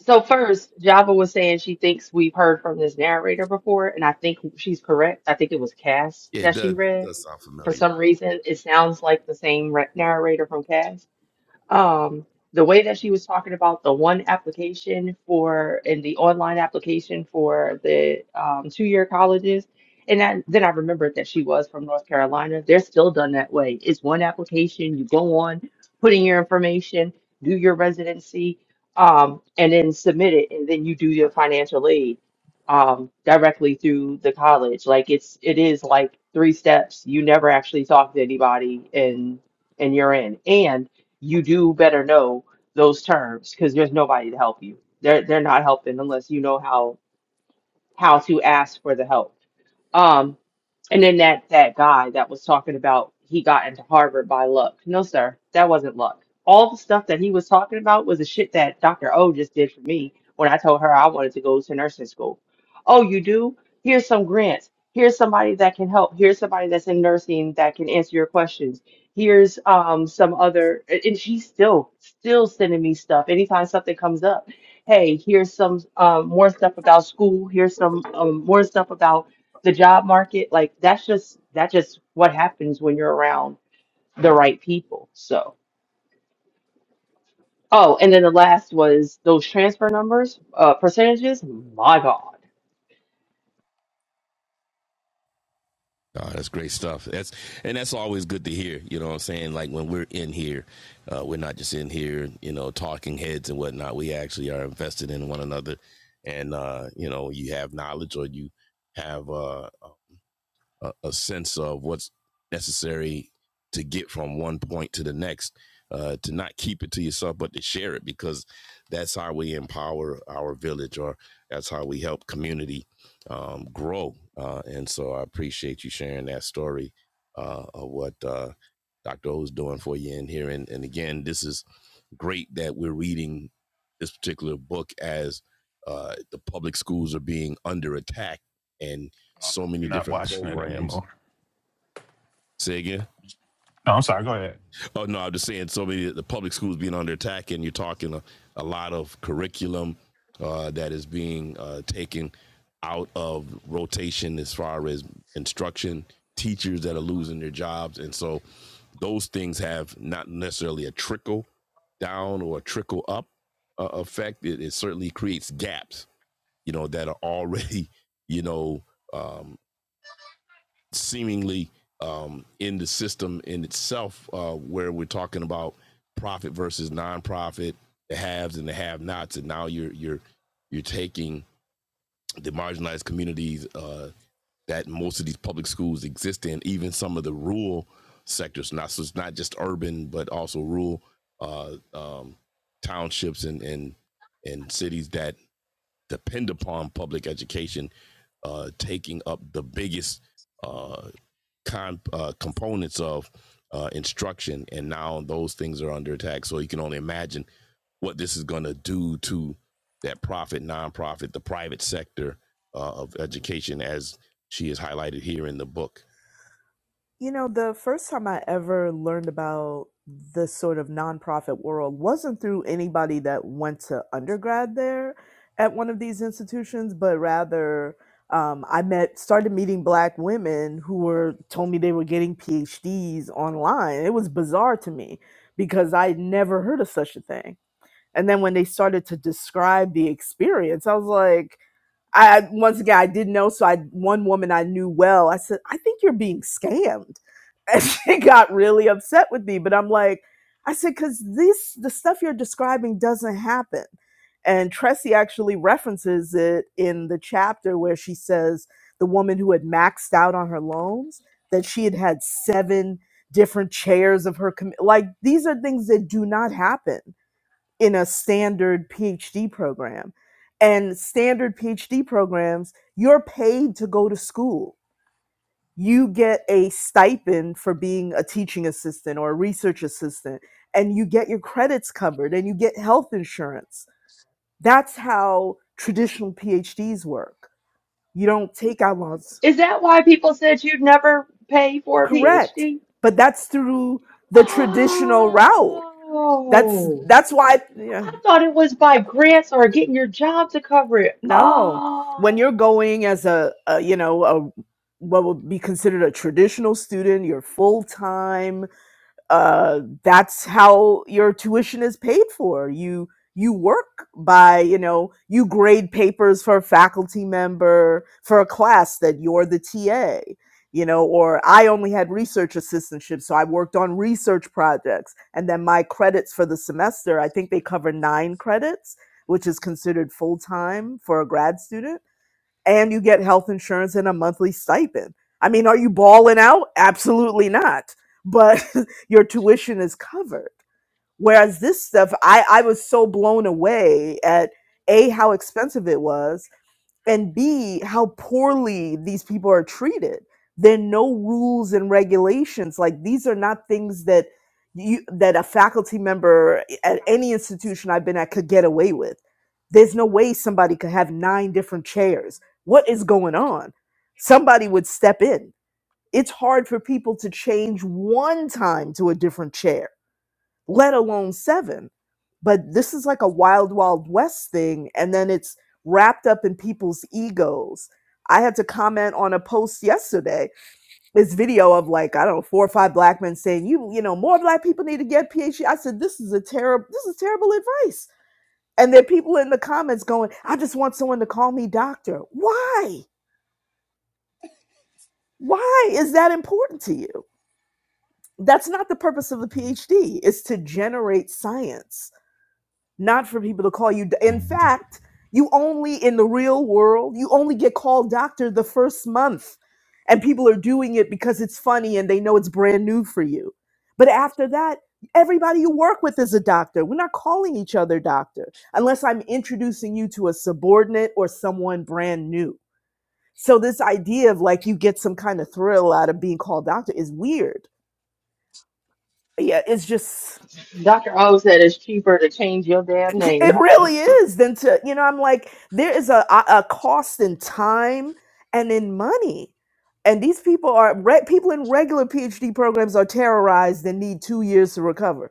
A: So first, Java was saying she thinks we've heard from this narrator before, and I think she's correct. I think it was Cass
B: yeah, it
A: that she
B: does
A: read.
B: does sound
A: For
B: familiar.
A: some reason, it sounds like the same re- narrator from Cass. Um, the way that she was talking about the one application for and the online application for the um, two-year colleges, and that, then I remembered that she was from North Carolina. They're still done that way. It's one application. You go on, put in your information, do your residency, um, and then submit it, and then you do your financial aid um, directly through the college. Like it's it is like three steps. You never actually talk to anybody, and and you're in. And you do better know those terms because there's nobody to help you. They're they're not helping unless you know how how to ask for the help. Um, and then that that guy that was talking about he got into Harvard by luck. No, sir, that wasn't luck. All the stuff that he was talking about was the shit that Dr. O just did for me when I told her I wanted to go to nursing school. Oh, you do? Here's some grants. Here's somebody that can help. Here's somebody that's in nursing that can answer your questions. Here's um some other a- and she's still still sending me stuff anytime something comes up. Hey, here's some um more stuff about school. Here's some um more stuff about the job market like that's just that's just what happens when you're around the right people so oh and then the last was those transfer numbers uh percentages my god
B: Uh, that's great stuff. That's and that's always good to hear. You know what I'm saying? Like when we're in here, uh, we're not just in here, you know, talking heads and whatnot. We actually are invested in one another, and uh, you know, you have knowledge or you have uh, a, a sense of what's necessary to get from one point to the next, uh, to not keep it to yourself, but to share it because that's how we empower our village or that's how we help community um, grow. Uh, and so I appreciate you sharing that story uh, of what uh, Dr. O is doing for you in here. And, and again, this is great that we're reading this particular book as uh, the public schools are being under attack and so many
D: You're not
B: different
D: watching it
B: programs
D: anymore.
B: Say again?
D: No, I'm sorry. Go ahead.
B: Oh no, I'm just saying so many the public schools being under attack, and you're talking a, a lot of curriculum uh, that is being uh, taken out of rotation as far as instruction, teachers that are losing their jobs, and so those things have not necessarily a trickle down or a trickle up uh, effect. It, it certainly creates gaps, you know, that are already you know um, seemingly um, in the system in itself, uh, where we're talking about profit versus nonprofit, the haves and the have-nots, and now you're you're you're taking the marginalized communities uh, that most of these public schools exist in, even some of the rural sectors. Not so it's not just urban, but also rural uh, um, townships and and and cities that depend upon public education, uh, taking up the biggest uh, con, uh, components of uh, instruction, and now those things are under attack. So you can only imagine what this is going to do to that profit, nonprofit, the private sector uh, of education, as she is highlighted here in the book.
E: You know, the first time I ever learned about this sort of nonprofit world wasn't through anybody that went to undergrad there at one of these institutions, but rather um, I met, started meeting black women who were told me they were getting PhDs online. It was bizarre to me because I had never heard of such a thing. And then when they started to describe the experience, I was like, I I- once again I didn't know, so I one woman I knew well. I said, I think you're being scammed, and she got really upset with me. But I'm like, I said, because this the stuff you're describing doesn't happen. And Tressie actually references it in the chapter where she says the woman who had maxed out on her loans that she had had seven different chairs of her com- like these are things that do not happen in a standard PhD program. And standard PhD programs, you're paid to go to school. You get a stipend for being a teaching assistant or a research assistant, and you get your credits covered and you get health insurance. That's how traditional PhDs work. You don't take out loans.
A: is that why people said you'd never pay for a
E: Correct.
A: phd
E: But that's through the traditional route. That's
A: oh
E: that's why yeah.
A: i thought it was by grants or getting your job to cover it
E: No. When
A: oh
E: you're going as a, a you know, a what would be considered a traditional student, you're full time, uh, that's how your tuition is paid for. You you work by you know you grade papers for a faculty member for a class that you're the TA. You know, or I only had research assistantships, so I worked on research projects, and then my credits for the semester. I think they cover nine credits, which is considered full time for a grad student and you get health insurance and a monthly stipend. I mean, are you balling out? Absolutely not. But your tuition is covered. Whereas this stuff, I, I was so blown away at A, how expensive it was, and b how poorly these people are treated there are no rules and regulations like these are not things that you that a faculty member at any institution i've been at could get away with there's no way somebody could have nine different chairs what is going on somebody would step in it's hard for people to change one time to a different chair let alone seven. But this is like a wild, wild west thing. And then it's wrapped up in people's egos. I had to comment on a post yesterday, this video of like, I don't know, four or five black men saying, you, you know, more black people need to get PhD. I said, this is a terrible, this is terrible advice. And there are people in the comments going, I just want someone to call me doctor. Why? Why is that important to you? That's not the purpose of the PhD, it's to generate science not for people to call you. d- In fact, you only in the real world, you only get called doctor the first month. And people are doing it because it's funny and they know it's brand new for you. But after that, everybody you work with is a doctor. We're not calling each other doctor unless I'm introducing you to a subordinate or someone brand new. So this idea of like you get some kind of thrill out of being called doctor is weird. Yeah, it's just
A: dr o said it's cheaper to change your damn
E: It
A: name
E: really is. Then to you know, I'm like, there is a a a cost in time and in money, and these people are re- people in regular PhD programs are terrorized and need two years to recover.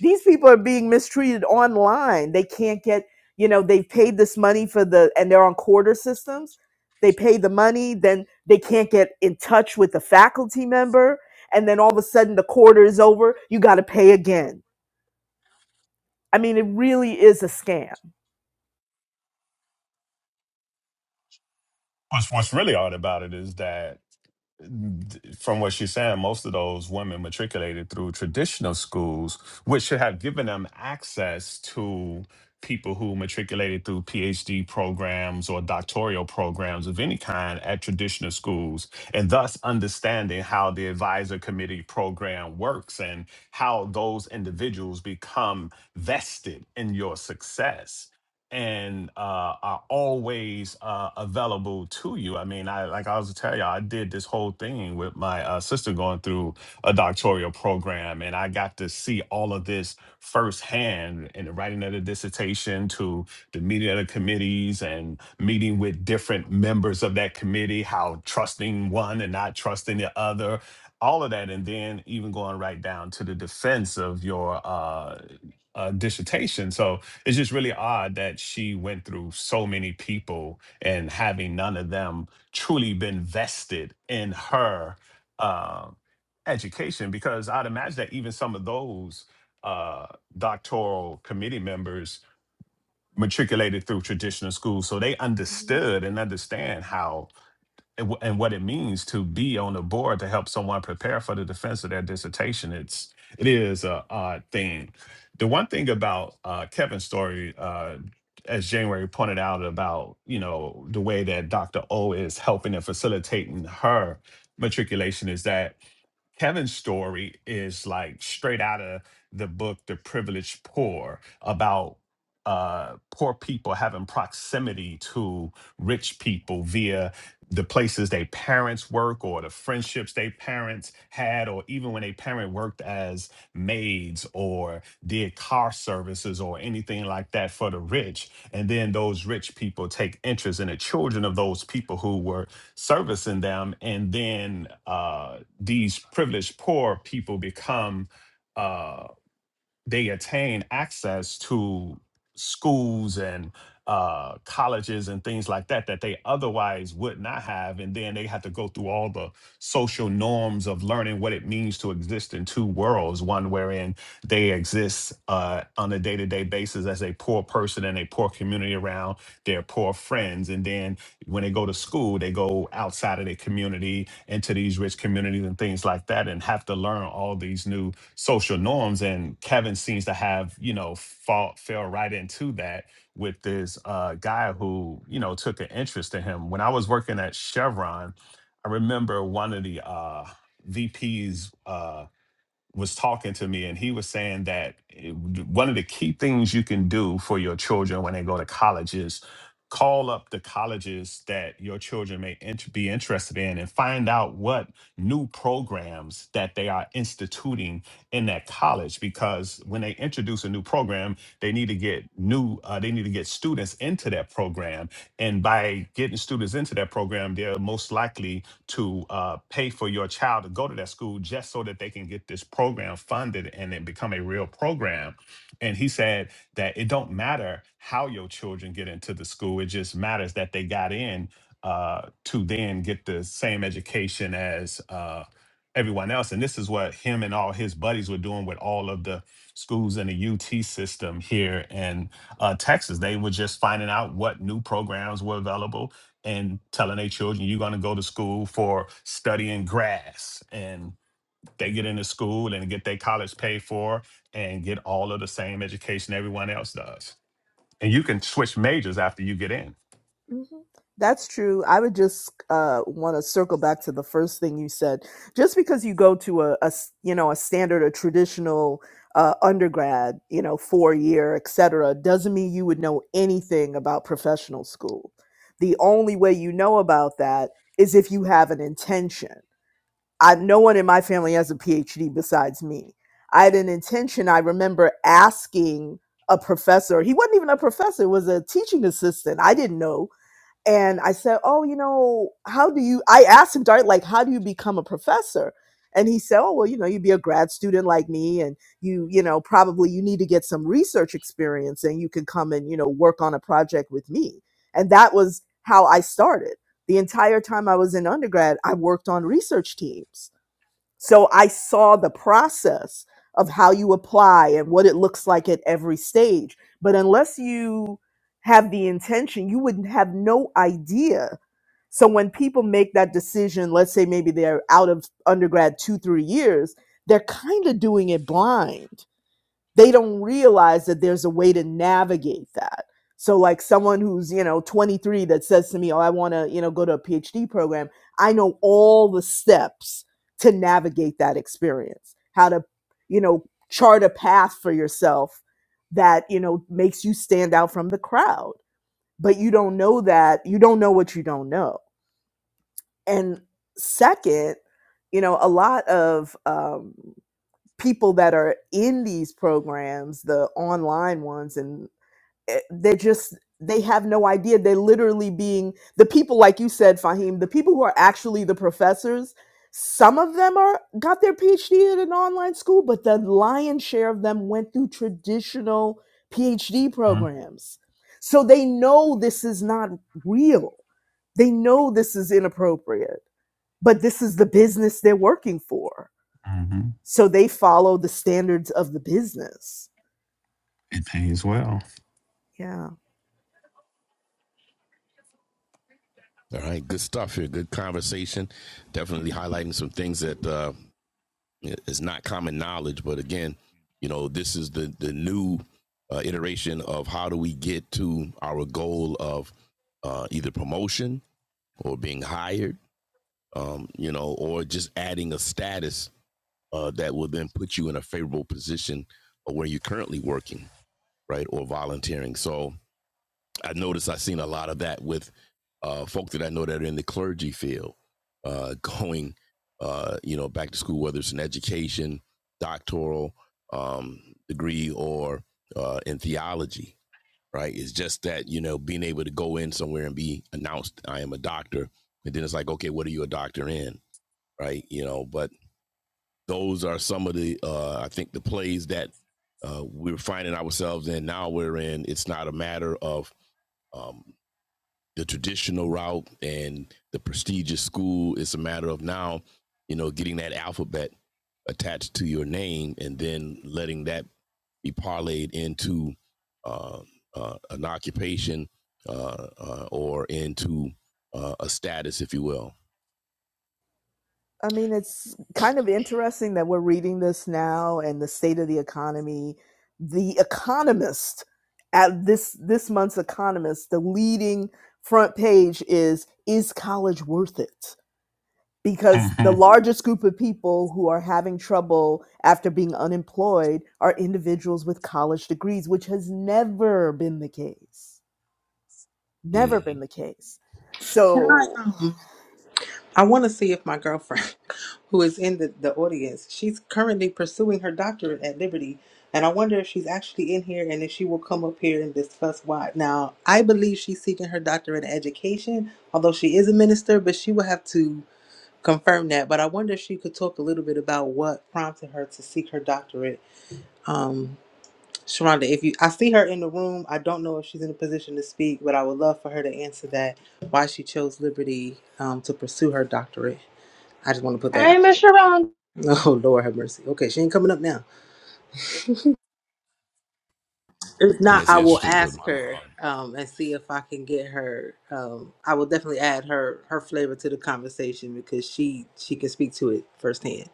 E: These people are being mistreated online. They can't get you know they've paid this money for the and they're on quarter systems. They pay the money, then they can't get in touch with the faculty member, and then all of a sudden the quarter is over. You got to pay again. I mean, it really is a scam.
D: What's What's really odd about it is that from what she's saying, most of those women matriculated through traditional schools, which should have given them access to people who matriculated through PhD programs or doctoral programs of any kind at traditional schools, and thus understanding how the advisor committee program works and how those individuals become vested in your success and uh, are always uh, available to you. I mean, I like I was telling you, all I did this whole thing with my uh, sister going through a doctoral program, and I got to see all of this firsthand in the writing of the dissertation, to the meeting of the committees, and meeting with different members of that committee, how trusting one and not trusting the other. All of that, and then even going right down to the defense of your uh, uh, dissertation. So it's just really odd that she went through so many people and having none of them truly been vested in her um education because I'd imagine that even some of those uh, doctoral committee members matriculated through traditional schools, so they understood and understand how and, wh- and what it means to be on the board to help someone prepare for the defense of their dissertation. It's it is a odd thing. The one thing about uh, Kevin's story, uh, as January pointed out about you know the way that Dr. O is helping and facilitating her matriculation is that Kevin's story is like straight out of the book The Privileged Poor about uh, poor people having proximity to rich people via the places they parents work or the friendships they parents had or even when they parent worked as maids or did car services or anything like that for the rich and then those rich people take interest in the children of those people who were servicing them. And then uh, these privileged poor people become uh, they attain access to schools and uh, colleges and things like that that they otherwise would not have. And then they have to go through all the social norms of learning what it means to exist in two worlds one wherein they exist uh, on a day to day basis as a poor person in a poor community around their poor friends. And then when they go to school, they go outside of their community into these rich communities and things like that and have to learn all these new social norms and kevin seems to have you know fall fell right into that with this uh, guy who you know took an interest in him when i was working at chevron i remember one of the uh, vps was talking to me and he was saying that it- one of the key things you can do for your children when they go to college is call up the colleges that your children may int- be interested in and find out what new programs that they are instituting in that college because when they introduce a new program they need to get new uh, they need to get students into that program and by getting students into that program they're most likely to uh, pay for your child to go to that school just so that they can get this program funded and it become a real program. And he said that it don't matter how your children get into the school; it just matters that they got in uh, to then get the same education as uh, everyone else. And this is what him and all his buddies were doing with all of the schools in the UT system here in uh, Texas. They were just finding out what new programs were available and telling their children you're going to go to school for studying grass and they get into school and get their college paid for and get all of the same education everyone else does and you can switch majors after you get in
E: Mhm. That's true. I would just uh, want to circle back to the first thing you said. Just because you go to a, a s- you know a standard or traditional uh, undergrad, you know, four year, et cetera, doesn't mean you would know anything about professional school. The only way you know about that is if you have an intention. I, no one in my family has a PhD besides me. I had an intention. I remember asking a professor. He wasn't even a professor. He was a teaching assistant. I didn't know and I said, "Oh, you know, how do you?" I asked him direct, like, "How do you become a professor?" And he said, "Oh, well, you know, you'd be a grad student like me, and you, you know, probably you need to get some research experience, and you can come and you know work on a project with me." And that was how I started. The entire time I was in undergrad, I worked on research teams so I saw the process of how you apply and what it looks like at every stage. But unless you have the intention, you would have no idea. So when people make that decision, let's say maybe they're out of undergrad two, three years, they're kind of doing it blind they don't realize that there's a way to navigate that. So like someone who's, you know, 23 that says to me, "Oh, I want to, you know, go to a PhD program." I know all the steps to navigate that experience. How to, you know, chart a path for yourself that, you know, makes you stand out from the crowd. But you don't know that. You don't know what you don't know. And second, you know, a lot of um people that are in these programs, the online ones, and eh, they're just they have no idea. They're literally being the people, like you said, Fahim, the people who are actually the professors. Some of them are got their PhD at an online school, but the lion's share of them went through traditional PhD
D: Mhm.
E: programs. So they know this is not real. They know this is inappropriate, but this is the business they're working for
D: Mhm.
E: so they follow the standards of the business
D: it pays well
E: yeah
B: All right, good stuff here. Good conversation. Definitely highlighting some things that uh, is not common knowledge, but again, you know, this is the the new uh, iteration of how do we get to our goal of uh, either promotion or being hired, um, you know, or just adding a status uh, that will then put you in a favorable position of where you're currently working, right, or volunteering. So I noticed I've seen a lot of that with uh, folk that I know that are in the clergy field, uh, going, uh, you know, back to school, whether it's an education, doctoral um, degree, or uh, in theology right? It's just that, you know, being able to go in somewhere and be announced, I am a doctor. And then it's like, okay, what are you a doctor in? Right. You know, but those are some of the, uh, I think the plays that uh, we're finding ourselves in now we're in. It's not a matter of um, the traditional route and the prestigious school. It's a matter of now, you know, getting that alphabet attached to your name and then letting that be parlayed into uh, uh, an occupation uh, uh, or into uh, a status, if you will.
E: i mean it's kind of interesting that we're reading this now and the state of the economy the economist at this this month's economist the leading front page is is college worth it because the
D: Mhm.
E: largest group of people who are having trouble after being unemployed are individuals with college degrees which has never been the case
B: hmm
E: never been the case
F: Can I
E: so
F: um I want to see if my girlfriend who is in the, the audience, she's currently pursuing her doctorate at Liberty and I wonder if she's actually in here and if she will come up here and discuss why. Now, I believe she's seeking her doctorate in education, although she is a minister, but she will have to confirm that. But I wonder if she could talk a little bit about what prompted her to seek her doctorate. um, Sharonda, if you, I see her in the room. I don't know if she's in a position to speak, but I would love for her to answer that why she chose liberty um, to pursue her doctorate. I just want to put that
A: hey
F: out.
A: miss
F: there.
A: sharon
F: Oh Lord, have mercy. Okay, she ain't coming up now. If
B: And
F: not,
B: it's
F: I will
B: interesting because
F: ask
B: my mom,
F: her um, and see if I can get her. Um, I will definitely add her her flavor to the conversation because she she can speak to it firsthand.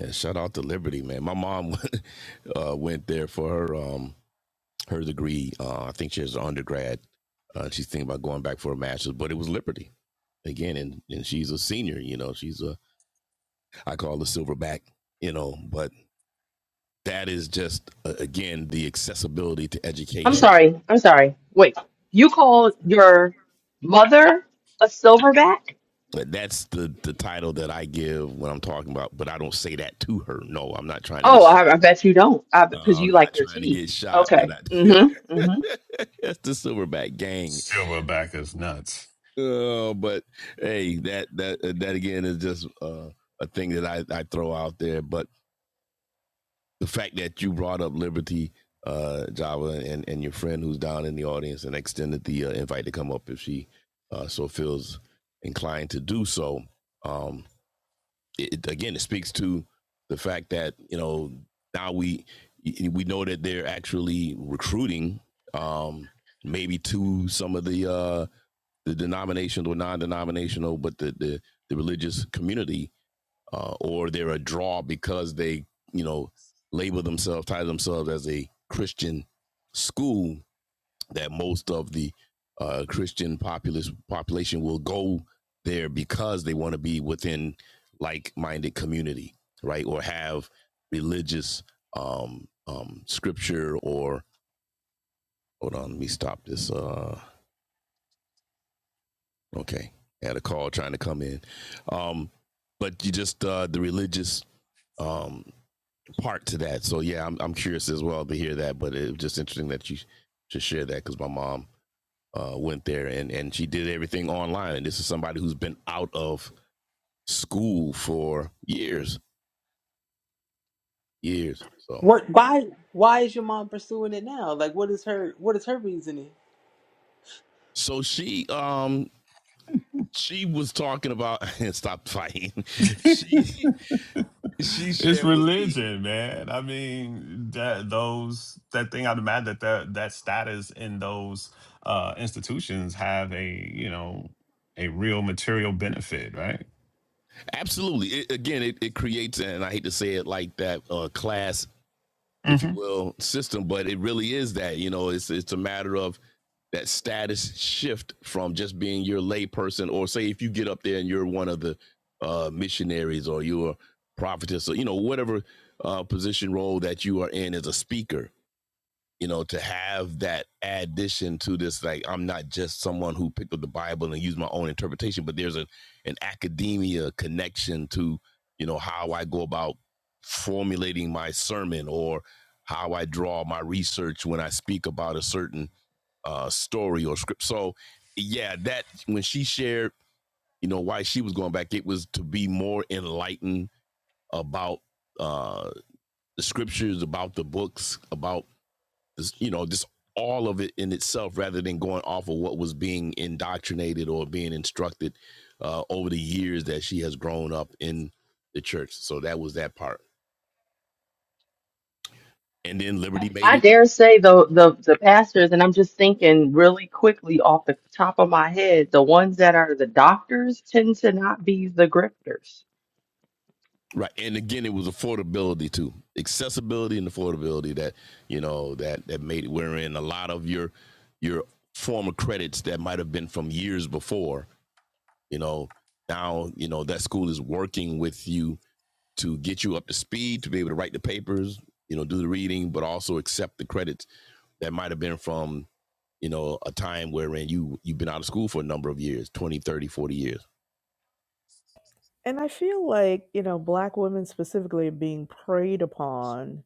B: Yeah, shout out to Liberty, man. My mom uh, went there for her um, her degree. Uh, I think she has an undergrad. Uh, she's thinking about going back for a master's, but it was Liberty again, and and she's a senior. You know, she's a I call her silverback. You know, but that is just uh, again the accessibility to
A: I'm
B: education.
A: sorry. I'm sorry. Wait, you call your mother a silverback?
B: But That's the the title that I give when I'm talking about. But I don't say that to her. No, I'm not trying to get
A: Oh,
B: shot.
A: I, I bet you don't. I
B: Uh,
A: because
B: I'm
A: you
B: not
A: like your
B: trying to
A: teeth.
B: get shot, but
A: Okay. Mm-hmm.
B: I,
A: Mm-hmm.
B: that's the silverback gang,
D: silverback is nuts
B: Oh, but hey, that that uh, that again is just uh, a thing that I, I throw out there. But the fact that you brought up Liberty uh, Java and and your friend who's down in the audience and extended the uh, invite to come up if she uh, so feels inclined to do so. Um, it, it- again, it speaks to the fact that you know now we we know that they're actually recruiting um, maybe to some of the uh, the denominational or non-denominational, but the the, the religious community, uh, or they're a draw because they you know label themselves, title themselves as a Christian school that most of the uh, Christian populace population will go there because they want to be within like-minded community, right? Or have religious um, um, scripture or hold on, let me stop this. Uh, Okay. I had a call trying to come in. Um, but you just uh the religious um part to that. So yeah, I'm I'm curious as well to hear that, but it was just interesting that you should share that because my mom uh went there and and she did everything online. And this is somebody who's been out of school for years, years. So
F: What? Why? Why is your mom pursuing it now? Like, what is her what is her reasoning?
B: so she um she was talking about stop fighting. She she
D: It's
B: shared with me
D: religion, man. I mean, that those that thing. I'd imagine that that, that status in those uh, institutions have a you know a real material benefit, right?
B: Absolutely. It, again, it, it creates, and I hate to say it like that, uh, class, if you
D: hmm
B: will, system, but it really is that. You know, it's it's a matter of that status shift from just being your lay person, or say if you get up there and you're one of the uh, missionaries or you're a prophetess, or you know whatever uh, position role that you are in as a speaker, you know, to have that addition to this, like I'm not just someone who picked up the Bible and used my own interpretation, but there's a an academia connection to, you know, how I go about formulating my sermon or how I draw my research when I speak about a certain uh, story or script. So, yeah, that when she shared, you know, why she was going back, it was to be more enlightened about uh, the scriptures, about the books, about you know, just all of it in itself rather than going off of what was being indoctrinated or being instructed uh, over the years that she has grown up in the church. So that was that part. And then Liberty made
A: I
B: it
A: dare say the the the pastors, and I'm just thinking really quickly off the top of my head, the ones that are the doctors tend to not be the grifters.
B: right. And again, it was affordability too, accessibility and affordability that you know that that made it. Wherein a lot of your your former credits that might have been from years before, you know, now you know that school is working with you to get you up to speed to be able to write the papers, you know, do the reading, but also accept the credits that might have been from, you know, a time wherein you you've been out of school for a number of years, 203040 years.
E: And I feel like, you know, black women specifically are being preyed upon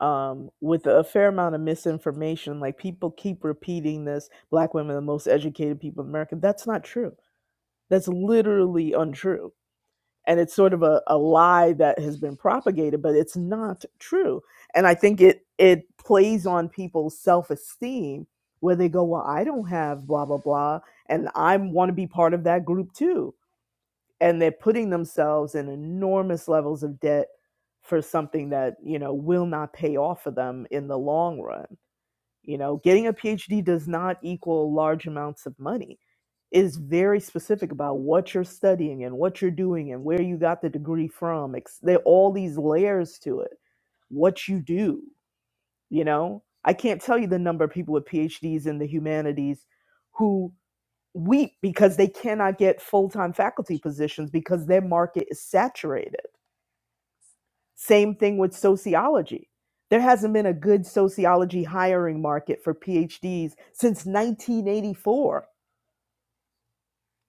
E: um, with a fair amount of misinformation. Like people keep repeating this black women are the most educated people in America. That's not true. That's literally untrue. And it's sort of a, a lie that has been propagated, but it's not true. And I think it it plays on people's self esteem where they go, Well, I don't have blah blah blah and I want to be part of that group too and they're putting themselves in enormous levels of debt for something that you know will not pay off for them in the long run you know getting a phd does not equal large amounts of money It is very specific about what you're studying and what you're doing and where you got the degree from ex- there are all these layers to it what you do you know i can't tell you the number of people with phds in the humanities who weep because they cannot get full-time faculty positions because their market is saturated. Same thing with sociology. There hasn't been a good sociology hiring market for PhDs since 1984.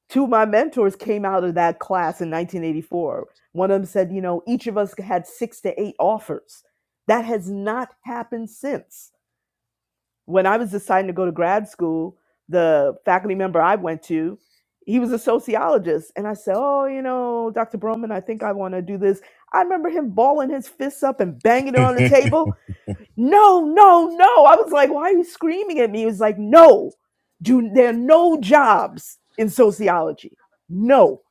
E: Two of my mentors came out of that class in 1984. One of them said, you know, each of us had six to eight offers. That has not happened since. when I was deciding to go to grad school, the faculty member I went to, he was a sociologist. And I said, Oh, you know, Dr. Broman, I think I want to do this. I remember him balling his fists up and banging it on the
D: Alright.
E: table. No, no, no. I was like, Why are you screaming at me? He was like, No, do, there are no jobs in sociology. No.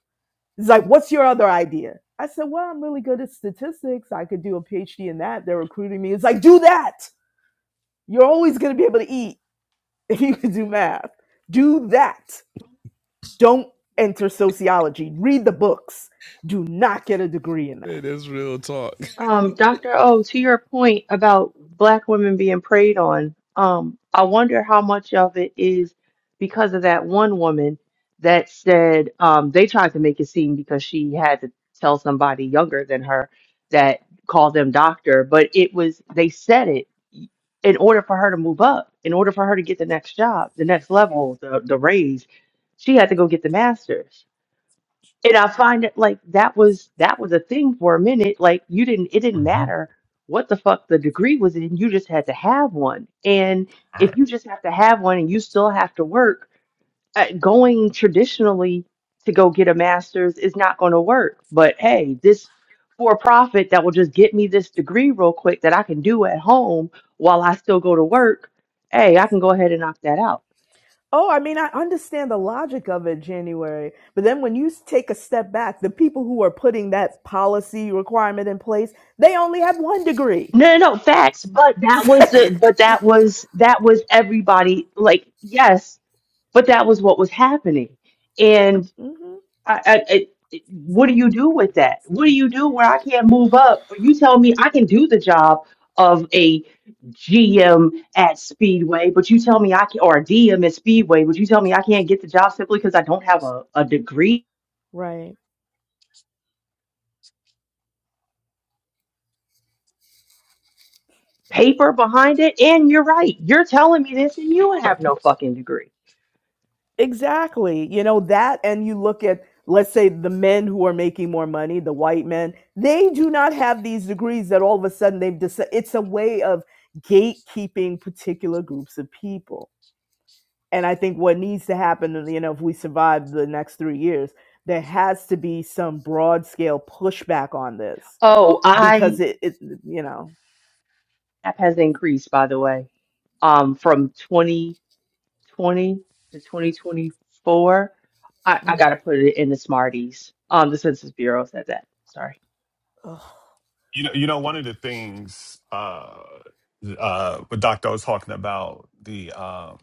E: He's like, What's your other idea? I said, Well, I'm really good at statistics. I could do a PhD in that. They're recruiting me. It's like, Do that. You're always going to be able to eat if you can do math, do that. Don't enter sociology. Read the books. Do not get a degree in that.
B: It is real talk.
A: Um, Dr. O, to your point about black women being preyed on, um, I wonder how much of it is because of that one woman that said um, they tried to make it seem because she had to tell somebody younger than her that called them doctor, but it was they said it in order for her to move up, in order for her to get the next job, the next level, the, the raise, she had to go get the master's and I find it like that was that was a thing for a minute. Like you didn't it didn't matter what the fuck the degree was in, you just had to have one. And if you just have to have one and you still have to work, uh, going traditionally to go get a master's is not going to work. But hey, this for profit that will just get me this degree real quick that I can do at home while I still go to work. Hey, I can go ahead and knock that out.
E: Oh, I mean, I understand the logic of it, January. But then when you s- take a step back, the people who are putting that policy requirement in place, they only have one degree.
A: No, no, no, facts. But that was the, but that was that was everybody. Like, yes, but that was what was happening. And
E: hmm
A: I, I, I, what do you do with that? What do you do where I can't move up? Or you tell me I can do the job of a GM at Speedway, but you tell me I can, or a DM at Speedway, but you tell me I can't get the job simply because I don't have a, a degree
E: Right.
A: paper behind it. And you're right. You're telling me this, and you have no fucking degree.
E: Exactly. You know, that, and you look at, let's say, the men who are making more money, the white men, they do not have these degrees that all of a sudden they've decided. It's a way of gatekeeping particular groups of people. And I think what needs to happen, you know, if we survive the next three years, there has to be some broad scale pushback on this
A: Oh, I
E: because it, it you know.
A: app has increased, by the way, um, from 2020 to 2024. I, I
E: Mm.
A: gotta put it in the Smarties. Um, the Census Bureau said that. Sorry.
E: Ugh.
D: You know, you know, one of the things uh, uh, what Doctor was talking about the um,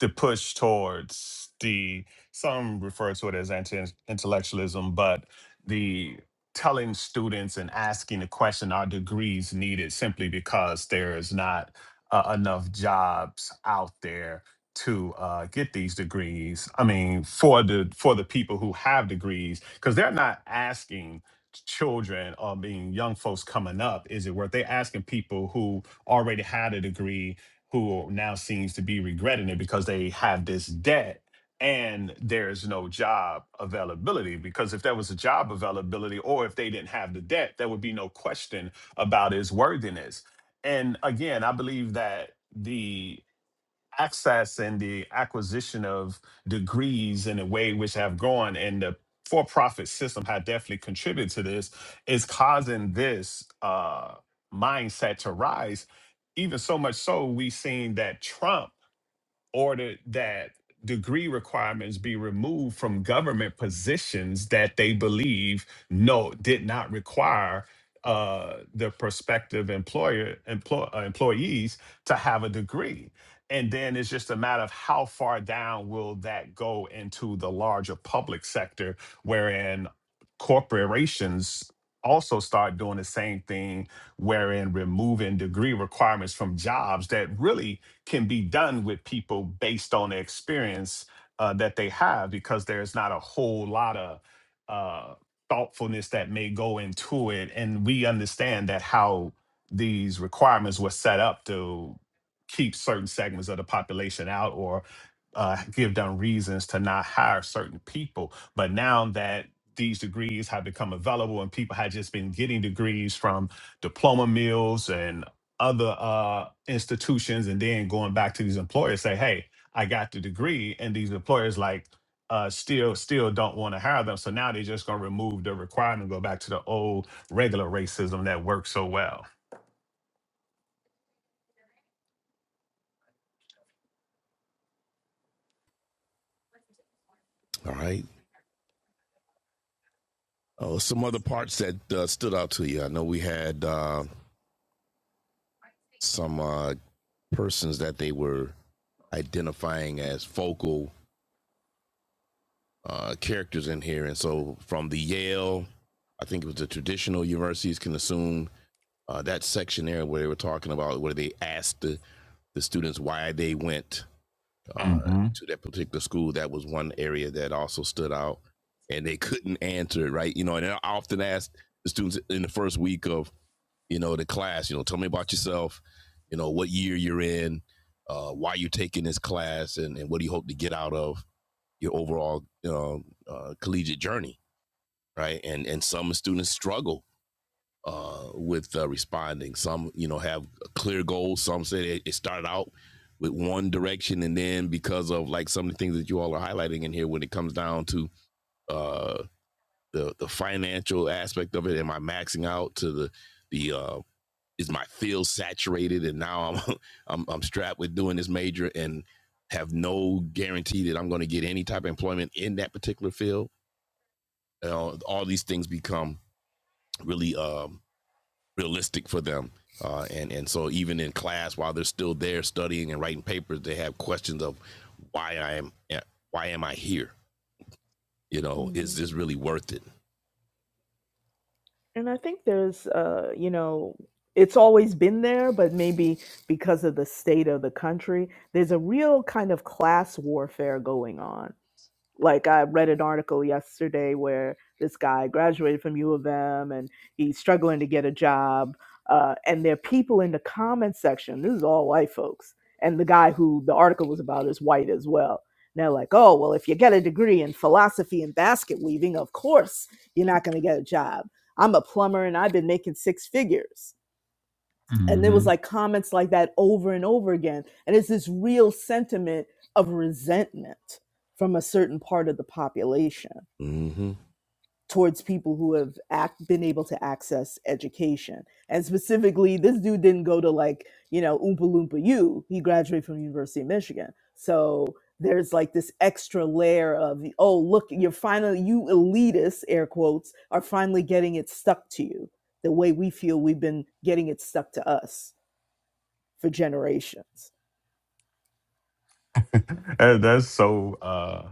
D: the push towards the some refer to it as anti-intellectualism but the telling students and asking the question are degrees needed simply because there is not uh, enough jobs out there to uh, get these degrees i mean for the for the people who have degrees because they're not asking children or being young folks coming up is it worth they asking people who already had a degree who now seems to be regretting it because they have this debt and there's no job availability because if there was a job availability or if they didn't have the debt there would be no question about his worthiness and again i believe that the access and the acquisition of degrees in a way which have gone and the for-profit system had definitely contributed to this is causing this uh mindset to rise even so much so we've seen that trump ordered that degree requirements be removed from government positions that they believe no did not require uh, the prospective employer employ, uh, employees to have a degree and then it's just a matter of how far down will that go into the larger public sector wherein corporations also start doing the same thing wherein removing degree requirements from jobs that really can be done with people based on the experience uh, that they have because there's not a whole lot of uh, thoughtfulness that may go into it. And we understand that how these requirements were set up to keep certain segments of the population out or uh, give them reasons to not hire certain people. But now that these degrees have become available and people have just been getting degrees from diploma mills other uh, institutions and then going back to these employers say hey i got the degree and these employers like uh, still still don't want to hire them so now they're just going to remove the requirement go back to the old regular racism that worked so well
B: All right. Oh, some other parts that uh, stood out to you. I know we had uh, some uh, persons that they were identifying as focal uh, characters in here, and so from the Yale, I think it was the traditional universities can assume uh, that section there where they were talking about where they asked the, the students why they went uh,
D: Mm-hmm.
B: to that particular school. That was one area that also stood out, and they couldn't answer it right. You know, and I often asked the students in the first week of you know the class, you know, tell me about yourself, you know, what year you're in, uh, why you're taking this class, and, and what do you hope to get out of your overall um, uh, collegiate journey, right? And and some students struggle uh, with uh, responding. Some, you know, have clear goals. Some say it, started out with one direction, and then because of like some of the things that you all are highlighting in here, when it comes down to uh, the the financial aspect of it, am I maxing out to the the uh, is my field saturated, and now I'm I'm, I'm strapped with doing this major and have no guarantee that I'm going to get any type of employment in that particular field. You know, all these things become really um, realistic for them. Uh, and and so even in class, while they're still there studying and writing papers, they have questions of why I am eh, why am I here? You know,
E: Mhm.
B: is this really worth it?
E: And I think there's, uh, you know, it's always been there, but maybe because of the state of the country, there's a real kind of class warfare going on like I read an article yesterday where this guy graduated from U of M and he's struggling to get a job. Uh, and there are people in the comments section. This is all white folks, and the guy who the article was about is white as well. And they're like, "Oh, well, if you get a degree in philosophy and basket weaving, of course you're not going to get a job. I'm a plumber and I've been making six figures." and there
D: Mm-hmm.
E: was like comments like that over and over again and it's this real sentiment of resentment from a certain part of the population
B: Mm-hmm.
E: towards people who have act, been able to access education and specifically this dude didn't go to like you know oompa loompa u he graduated from university of michigan so there's like this extra layer of oh look you're finally you elitists air quotes are finally getting it stuck to you the way we feel we've been getting it stuck to us for generations.
D: That- that's so uh,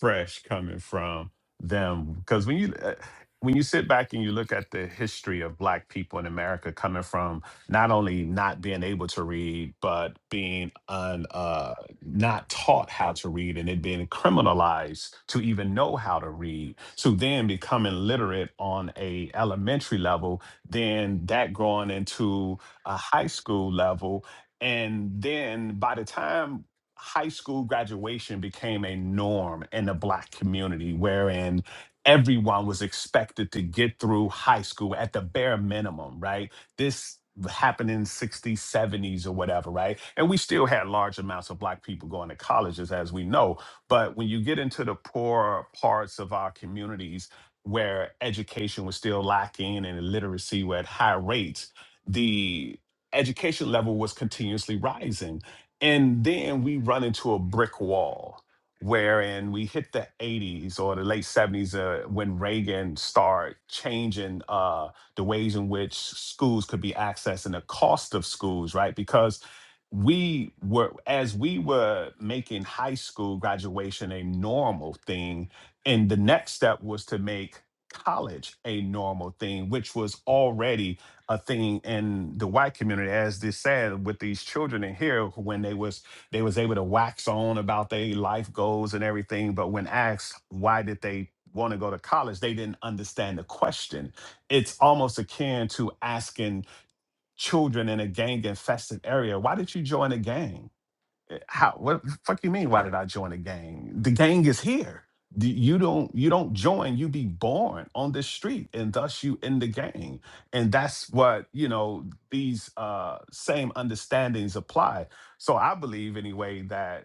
D: fresh coming from them because when you uh, when you sit back and you look at the history of Black people in America, coming from not only not being able to read but being un, uh, not taught how to read and it being criminalized to even know how to read, to then becoming literate on a elementary level, then that growing into a high school level, and then by the time high school graduation became a norm in the black community wherein everyone was expected to get through high school at the bare minimum right this happened in 60s 70s or whatever right and we still had large amounts of black people going to colleges as we know but when you get into the poorer parts of our communities where education was still lacking and illiteracy were at high rates the education level was continuously rising and then we run into a brick wall wherein we hit the 80s or the late 70s uh, when Reagan started changing uh, the ways in which schools could be accessed and the cost of schools, right? Because we were, as we were making high school graduation a normal thing, and the next step was to make college a normal thing, which was already a thing in the white community as this said with these children in here when they was they was able to wax on about their life goals and everything but when asked why did they want to go to college they didn't understand the question it's almost akin to asking children in a gang infested area why did you join a gang Eh, How? What the fuck you mean? Why did I join a gang? The gang is here. D- You don't you don't join. You be born on the street, and thus you in the gang. And that's what you know. These uh, same understandings apply. So I believe anyway that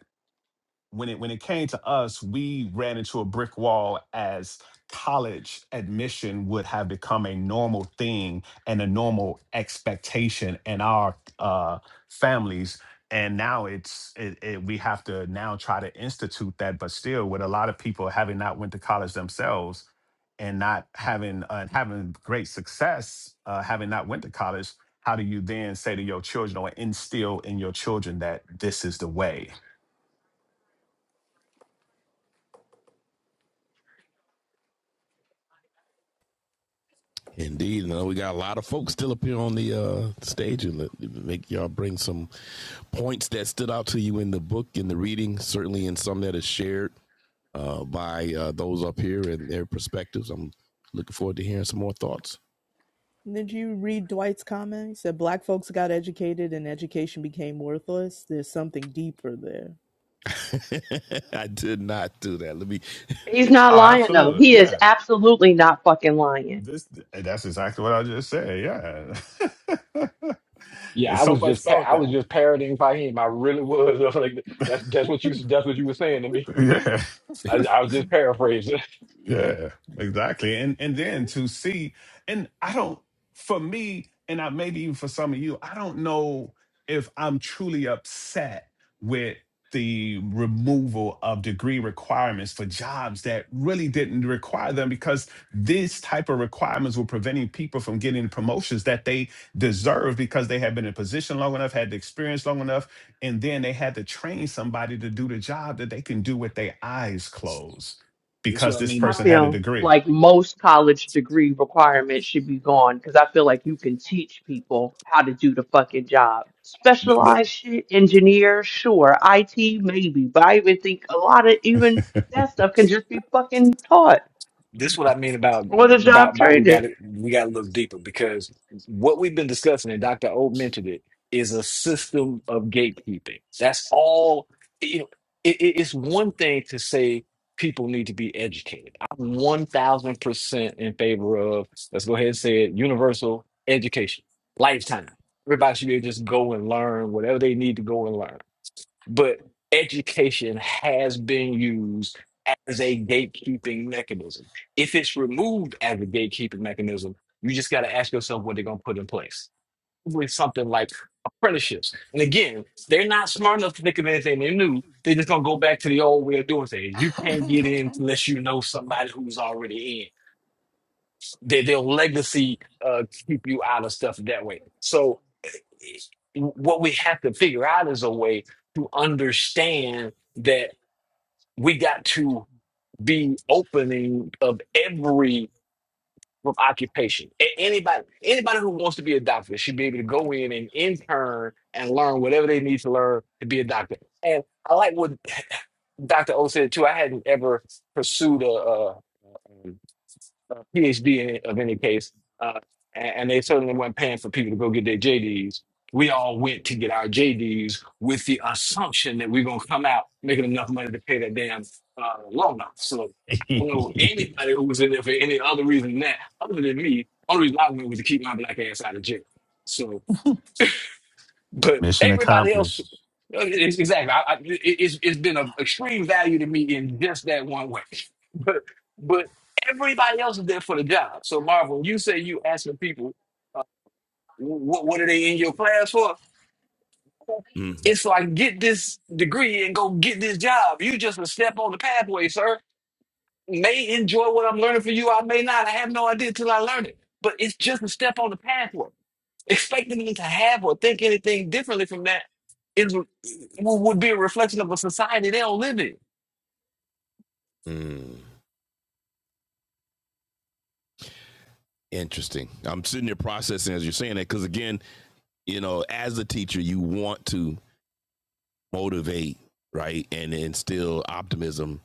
D: when it when it came to us, we ran into a brick wall as college admission would have become a normal thing and a normal expectation in our uh, families. And now it's it, it, we have to now try to institute that, but still with a lot of people having not went to college themselves and not having uh, having great success, uh, having not went to college, how do you then say to your children or instill in your children that this is the way?
B: Indeed, Now we got a lot of folks still up here on the uh, stage, and make y'all bring some points that stood out to you in the book, in the reading, certainly in some that is shared. uh, by uh, those up here and their perspectives. I'm looking forward to hearing some more thoughts.
E: Did you read Dwight's comment? He said, Black folks got educated and education became worthless. There's something deeper there.
B: I did not do that. Let me.
A: He's not
D: Oh,
A: lying though.
D: absolutely.
A: He is
D: Yeah.
A: absolutely not fucking lying.
D: This that's exactly what I just said. Yeah.
G: Yeah,
D: it's
G: I
D: so
G: was
D: much
G: just pa-
D: so
G: I was just parroting Fahim. I really was. I was like, that's that's what you that's what you were saying to me.
D: that yeah.
G: I, I was just paraphrasing.
D: Yeah, exactly. And and
E: hmm
D: then to see, and I don't for me, and I maybe even for some of you, I don't know if I'm truly upset with the removal of degree requirements for jobs that really didn't require them because these type of requirements were preventing people from getting promotions that they deserve because they had been in position long enough, had the experience long enough, and then they had to train somebody to do the job that they can do with their eyes closed because this
A: I
D: person had a
A: feel
D: degree.
A: like most college degree requirements should be gone because I feel like you can teach people how to do the fucking job. Specialized shit, engineer, sure. IT, maybe. But I even think a lot of even that stuff can just be fucking taught
G: this is what I mean about
A: or the
G: about
A: job
G: about we got
A: training.
G: to we got to look deeper because what we've been discussing and Dr. O mentioned it is a system of gatekeeping. That's all. You know, it, it- it's one thing to say people need to be educated. I'm one thousand percent in favor of let's go ahead and say it universal education, lifetime. Everybody should be able to just go and learn whatever they need to go and learn but education has been used as a gatekeeping mechanism. If it's removed as a gatekeeping mechanism, you just got to ask yourself what they're going to put in place. Probably something like apprenticeships. And again, they're not smart enough to think of anything they new. They're just going to go back to the old way of doing things. You can't get in unless you know somebody who's already in. They, they'll legacy uh, keep you out of stuff that way. So what we have to figure out is a way to understand that we got to be opening of every occupation. A- Anybody, anybody who wants to be a doctor should be able to go in and intern and learn whatever they need to learn to be a doctor. And I like what Dr. O said too. I hadn't ever pursued a, uh, PhD in, of any case, uh, and, and they certainly weren't paying for people to go get their JDs. We all went to get our JDs with the assumption that we're going to come out making enough money to pay that damn uh, loan off. So I don't know anybody who was in there for any other reason than that, other than me. Only reason I went was to keep my black ass out of jail. So but
D: Mission
G: everybody else, uh,
D: accomplished.
G: it's, exactly. I, I, it- it's, it's been of extreme value to me in just that one way. But but everybody else is there for the job. So Marv, when you say you asking people, uh, what what are they in your class for?
B: Mm,
G: It's like get this degree and go get this job. You just a step on the pathway, sir. May enjoy what I'm learning for you. I may not. I have no idea till I learn it. But it's just a step on the pathway Expecting them to have or think anything differently from that is would be a reflection of a society they don't live in.
B: mm, interesting. I'm sitting here processing as you're saying that because again, you know, as a teacher, you want to motivate, right, and instill optimism,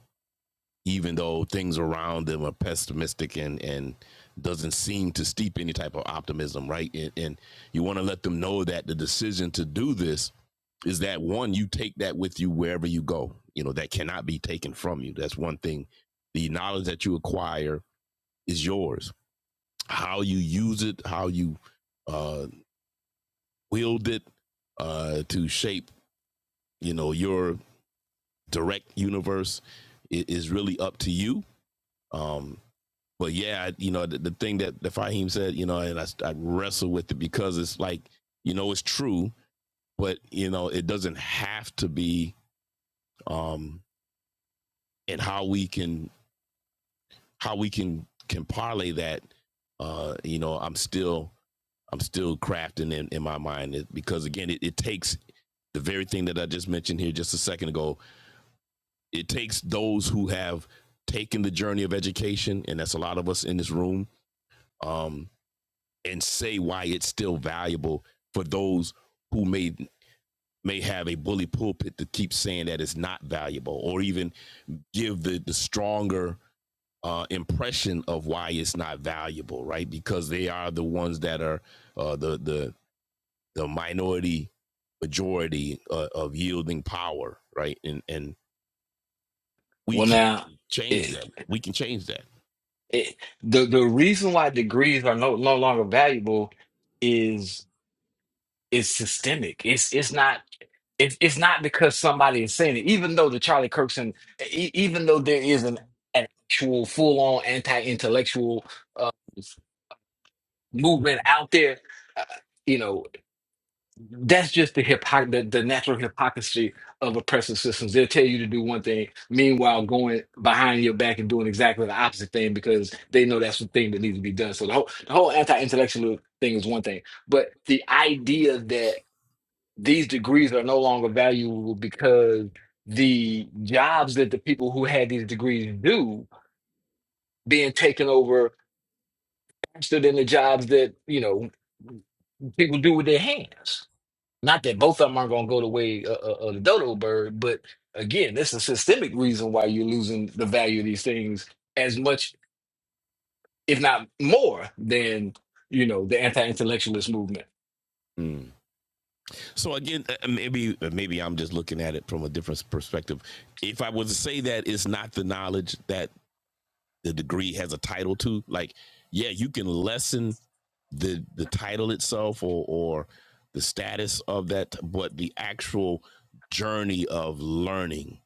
B: even though things around them are pessimistic and and doesn't seem to steep any type of optimism, right? And, and you want to let them know that the decision to do this is that one you take that with you wherever you go you know that cannot be taken from you that's one thing the knowledge that you acquire is yours how you use it how you uh wield it uh to shape you know your direct universe is really up to you um but yeah you know the, the thing that the Fahim said you know and I, I wrestle with it because it's like you know it's true but you know it doesn't have to be um and how we can how we can can parlay that. Uh, you know, I'm still I'm still crafting in, in my mind it- because again, it, it takes the very thing that I just mentioned here just a second ago. It takes those who have taken the journey of education, and that's a lot of us in this room, um, and say why it's still valuable for those who may may have a bully pulpit to keep saying that it's not valuable, or even give the the stronger uh, impression of why it's not valuable, right? Because they are the ones that are uh, the the the minority majority uh, of yielding power, right? And and we
G: Well,
B: can
G: now,
B: change that.
G: it,
B: We can change that.
G: it, the the reason why degrees are no, no longer valuable is is systemic. It's it's not it's it's not because somebody is saying it. Even though the Charlie Kirks and e- even though there is an an actual full on anti intellectual uh, movement out there, uh, you know. that's just the, hypocr- the the natural hypocrisy of oppressive systems. They'll tell you to do one thing, meanwhile going behind your back and doing exactly the opposite thing because they know that's the thing that needs to be done. So the whole the whole anti-intellectual thing is one thing, but the idea that these degrees are no longer valuable because the jobs that the people who had these degrees do being taken over faster than the jobs that you know people do with their hands Not that both of them aren't going to go the way of, of of the dodo bird, but again, this is a systemic reason why you're losing the value of these things as much, if not more, than you know the anti-intellectualist movement.
B: Mm. So again, uh, maybe maybe I'm just looking at it from a different perspective. If I was to say that it's not the knowledge that the degree has a title to, like, yeah, you can lessen the the title itself or or the status of that, but the actual journey of learning,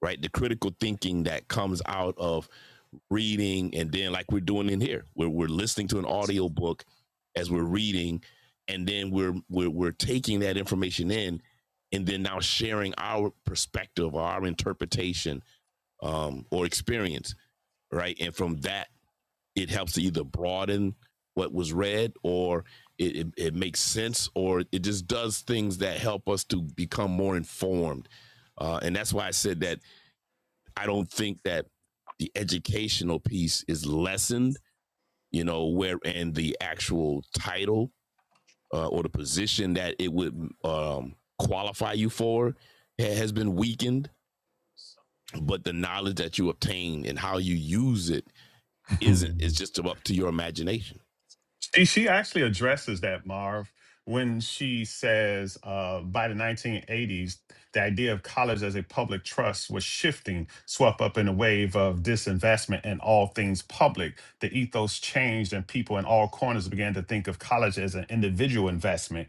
B: right? The critical thinking that comes out of reading and then like we're doing in here, where we're listening to an audio book as we're reading, and then we're we're we're taking that information in and then now sharing our perspective or our interpretation um, or experience, right? And from that it helps to either broaden what was read or it, it, it makes sense or it just does things that help us to become more informed. Uh, and that's why I said that I don't think that the educational piece is lessened, you know, where and the actual title uh, or the position that it would um, qualify you for has been weakened, but the knowledge that you obtain and how you use it isn't. It's just up to your imagination.
D: She she actually addresses that Marv when she says uh, by the 1980s the idea of college as a public trust was shifting, swept up in a wave of disinvestment in all things public. The ethos changed, and people in all corners began to think of college as an individual investment.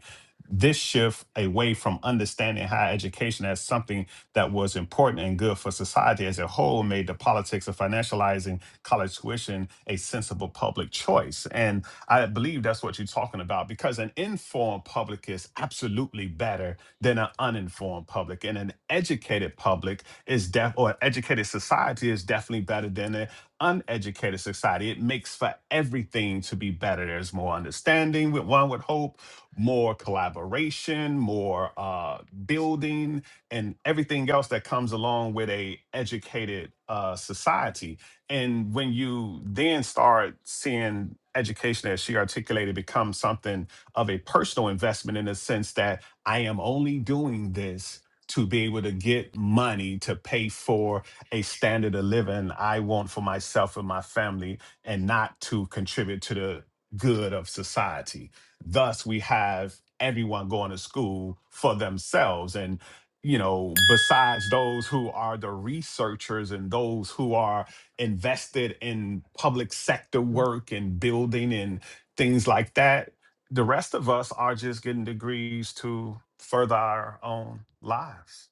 D: This shift away from understanding higher education as something that was important and good for society as a whole made the politics of financializing college tuition a sensible public choice. And I believe that's what you're talking about because an informed public is absolutely better than an uninformed public, and an educated public is def or an educated society is definitely better than an uneducated society. It makes for everything to be better. There's more understanding, with one would hope, more collaboration, more uh, building, and everything else that comes along with a educated uh, society and when you then start seeing education, as she articulated, become something of a personal investment in the sense that I am only doing this to be able to get money to pay for a standard of living I want for myself and my family and not to contribute to the good of society. Thus, we have everyone going to school for themselves. And, you know, besides those who are the researchers and those who are invested in public sector work and building and things like that. The rest of us are just getting degrees to further our own lives.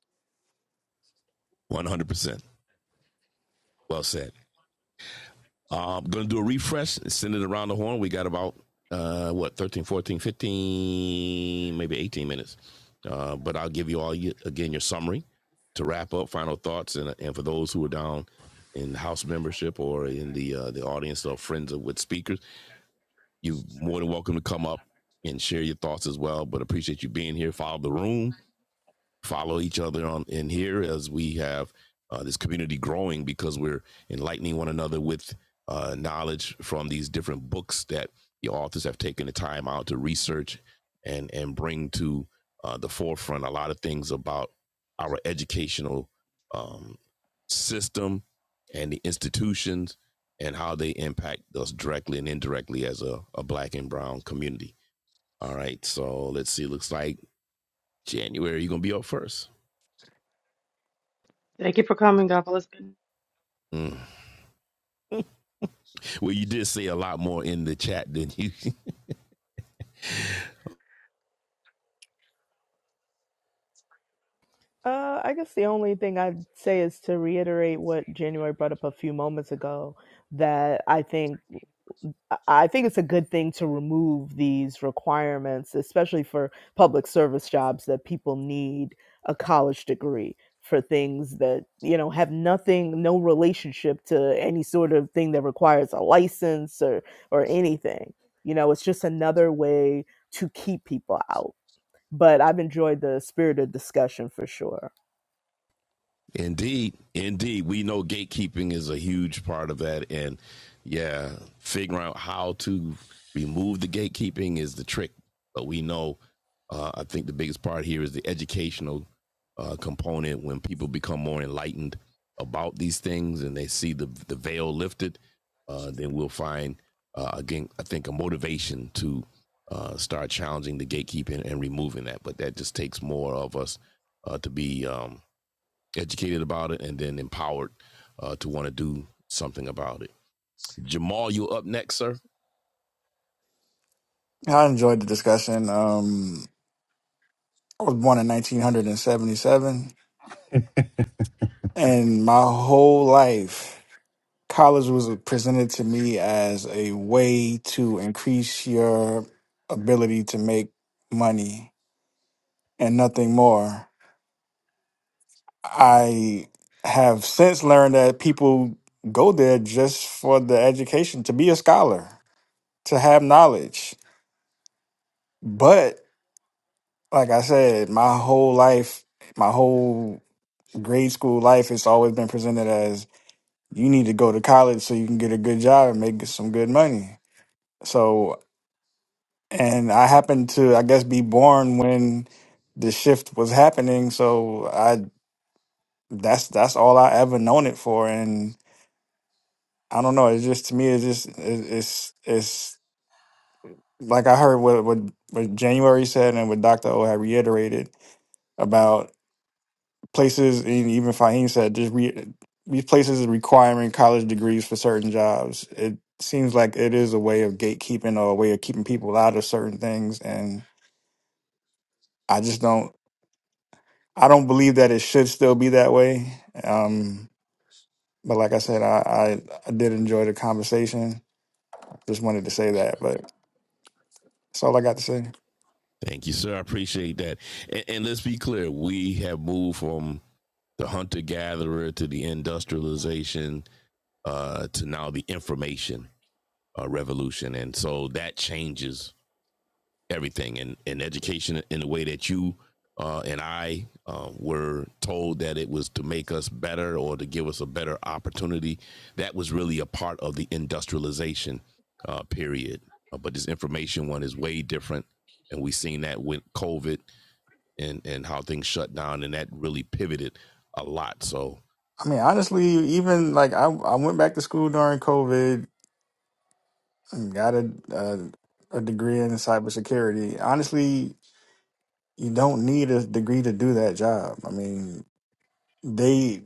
B: One hundred percent. Well said. Uh, I'm going to do a refresh and send it around the horn. We got about, uh, what, 13, 14, 15, maybe 18 minutes. Uh, but I'll give you all, you, again, your summary to wrap up, final thoughts. And, and for those who are down in house membership or in the uh, the audience or friends of, with speakers, you're more than welcome to come up and share your thoughts as well. But appreciate you being here. Follow the room follow each other on in here as we have uh, this community growing because we're enlightening one another with uh, knowledge from these different books that the authors have taken the time out to research and and bring to uh, the forefront a lot of things about our educational um, system and the institutions and how they impact us directly and indirectly as a, a black and brown community. All right, so let's see. Looks like January you're gonna be up 1st Well, you did say a lot more in the chat than you.
E: Uh, I guess the only thing I'd say is to reiterate what January brought up a few moments ago that I think I I think it's a good thing to remove these requirements, especially for public service jobs that people need a college degree for things that, you know, have nothing, no relationship to any sort of thing that requires a license or, or anything. You know, it's just another way to keep people out. But I've enjoyed the spirit of discussion for sure.
B: Indeed, indeed, we know gatekeeping is a huge part of that, and yeah, figuring out how to remove the gatekeeping is the trick. But we know, uh, I think the biggest part here is the educational uh, component. When people become more enlightened about these things and they see the the veil lifted, uh, then we'll find uh, again, I think, a motivation to uh, start challenging the gatekeeping and removing that. But that just takes more of us uh, to be um, educated about it and then empowered uh, to want to do something about it. Jamal, you are up next, sir?
C: i enjoyed the discussion um i was born in 1977 and my whole life college was presented to me as a way to increase your ability to make money and nothing more i have since learned that people go there just for the education to be a scholar to have knowledge But like I said, my whole life, my whole grade school life, it's always been presented as you need to go to college so you can get a good job and make some good money. So, and I happened to, I guess, be born when the shift was happening. So I, that's that's all I ever known it for. And I don't know. It's just to me, it's just it, it's it's like I heard what what what January said and what Doctor O had reiterated about. places, and even Fahim said, just re, these places are requiring college degrees for certain jobs. It seems like it is a way of gatekeeping or a way of keeping people out of certain things, and I just don't. I don't believe that it should still be that way. Um, but like I said, I, I, I did enjoy the conversation. Just wanted to say that, but that's all I got to say.
B: Thank you, sir. I appreciate that. And, and let's be clear, we have moved from the hunter gatherer to the industrialization uh, to now the information uh, revolution. And so that changes everything and, and education in the way that you uh, and I uh, were told that it was to make us better or to give us a better opportunity. That was really a part of the industrialization uh, period. Uh, but this information one is way different. And we've seen that with COVID and, and how things shut down, and that really pivoted a lot. So,
C: I mean, honestly, even like I, I went back to school during COVID and got a, a, a degree in cybersecurity. Honestly, you don't need a degree to do that job. I mean, they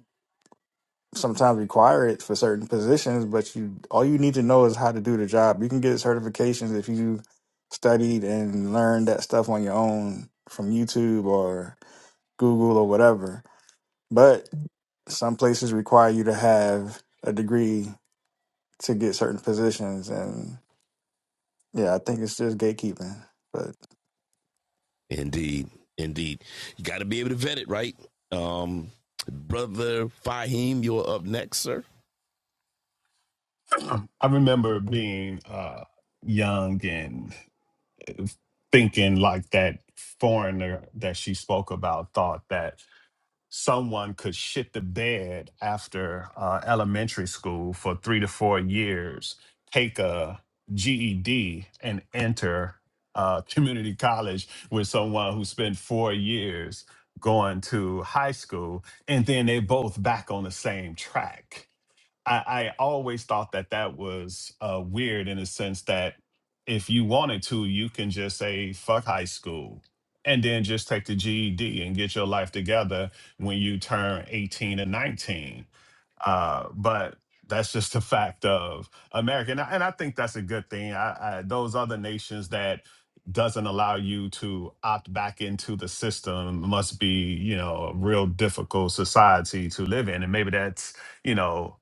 C: sometimes require it for certain positions, but you all you need to know is how to do the job. You can get certifications if you studied and learned that stuff on your own from YouTube or Google or whatever. But some places require you to have a degree to get certain positions and yeah, I think it's just gatekeeping. But
B: indeed, indeed. You got to be able to vet it, right? Um, Brother Fahim, you're up next, sir.
D: I remember being uh, young and thinking like that foreigner that she spoke about thought that someone could shit the bed after uh, elementary school for three to four years, take a GED, and enter uh, community college with someone who spent four years going to high school, and then they both back on the same track. I, I always thought that that was uh, weird in the sense that if you wanted to, you can just say fuck high school and then just take the GED and get your life together when you turn 18 and 19. Uh, but that's just the fact of America, and I, and I think that's a good thing. I, I, those other nations that doesn't allow you to opt back into the system must be, you know, a real difficult society to live in, and maybe that's, you know.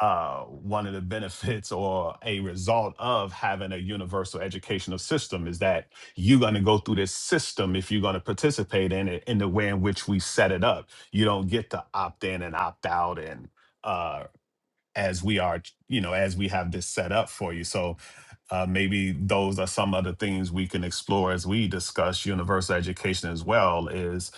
D: Uh, one of the benefits or a result of having a universal educational system is that you're going to go through this system if you're going to participate in it in the way in which we set it up. You don't get to opt in and opt out and uh as we are, you know, as we have this set up for you. So uh, maybe those are some other things we can explore as we discuss universal education as well is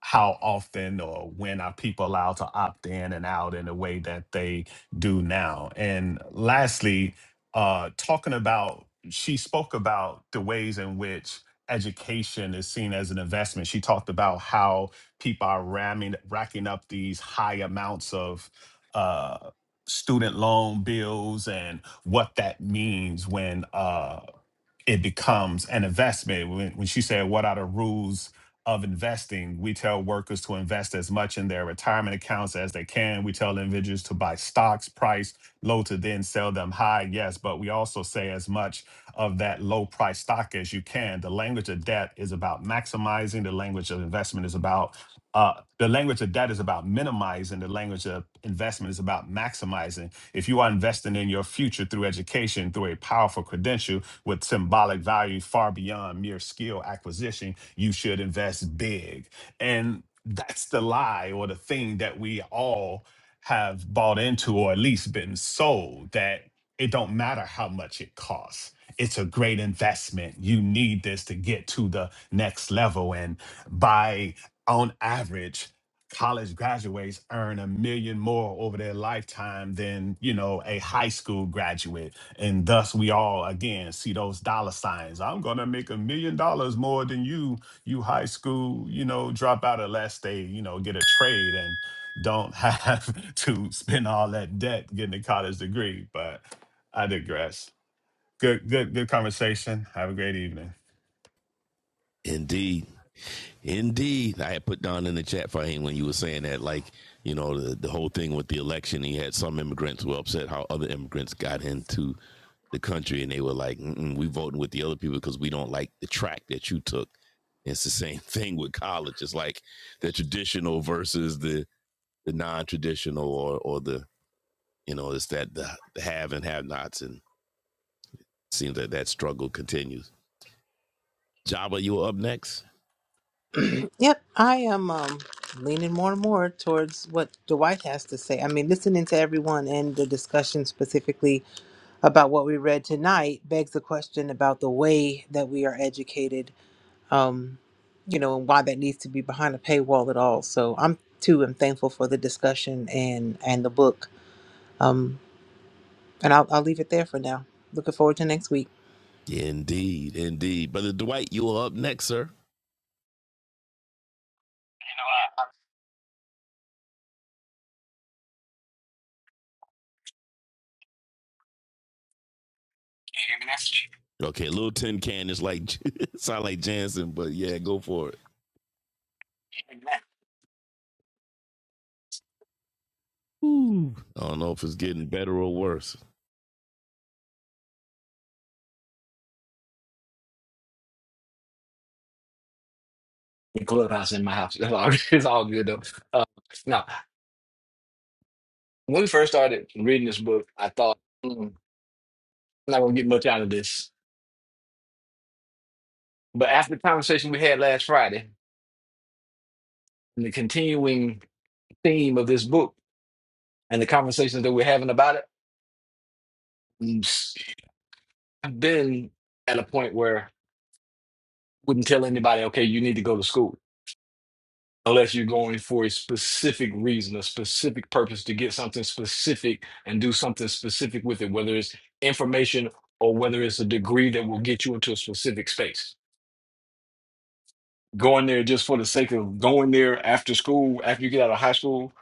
D: how often or when are people allowed to opt in and out in a way that they do now? And lastly, uh, talking about, she spoke about the ways in which education is seen as an investment. She talked about how people are ramming, racking up these high amounts of. uh, student loan bills and what that means when uh it becomes an investment. When, when she said, What are the rules of investing? We tell workers to invest as much in their retirement accounts as they can. We tell individuals to buy stocks priced low to then sell them high. Yes, but we also say as much of that low price stock as you can. The language of debt is about maximizing, the language of investment is about uh, the language of debt is about minimizing. The language of investment is about maximizing. If you are investing in your future through education, through a powerful credential, with symbolic value far beyond mere skill acquisition. You should invest big. And that's the lie or the thing that we all have bought into or at least been sold that it don't matter how much it costs. It's a great investment. You need this to get to the next level. And by on average, college graduates earn a million more over their lifetime than, you know, a high school graduate and thus we all again see those dollar signs. I'm gonna make a million dollars more than you, you high school, you know, drop out unless they, you know, get a trade and don't have to spend all that debt getting a college degree. But I digress. Good, good, good conversation. Have a great evening.
B: Indeed. Indeed, I had put down in the chat for him when you were saying that, like you know, the, the whole thing with the election. He had some immigrants who were upset how other immigrants got into the country, and they were like, Mm-mm, "We voting with the other people because we don't like the track that you took." And It's the same thing with college. It's like the traditional versus the the non-traditional, or or the you know, it's that the, the have and have-nots, and it seems that that struggle continues. Java, you are up next.
F: Yep, I am um, leaning more and more towards what Dwight has to say. I mean, listening to everyone and the discussion specifically about what we read tonight begs the question about the way that we are educated, um, you know, and why that needs to be behind a paywall at all. So I'm too am thankful for the discussion and and the book. Um, and I'll I'll leave it there for now. Looking forward to next week.
B: Indeed, indeed. Brother Dwight, you are up next, sir.
G: Amen. That's-
B: Okay, little tin can is like sound like Jansen, but yeah, go for it. Ooh. I don't know if it's getting better or worse.
G: In clubhouse in my house, that's all, it's all good though. Uh, now, when we first started reading this book, I thought "Mm, I'm not going to get much out of this, but after the conversation we had last Friday and the continuing theme of this book and the conversations that we're having about it. mm, I've been at a point where I wouldn't tell anybody, okay, you need to go to school unless you're going for a specific reason, a specific purpose to get something specific and do something specific with it, whether it's information or whether it's a degree that will get you into a specific space. Going there just for the sake of going there after school, after you get out of high school,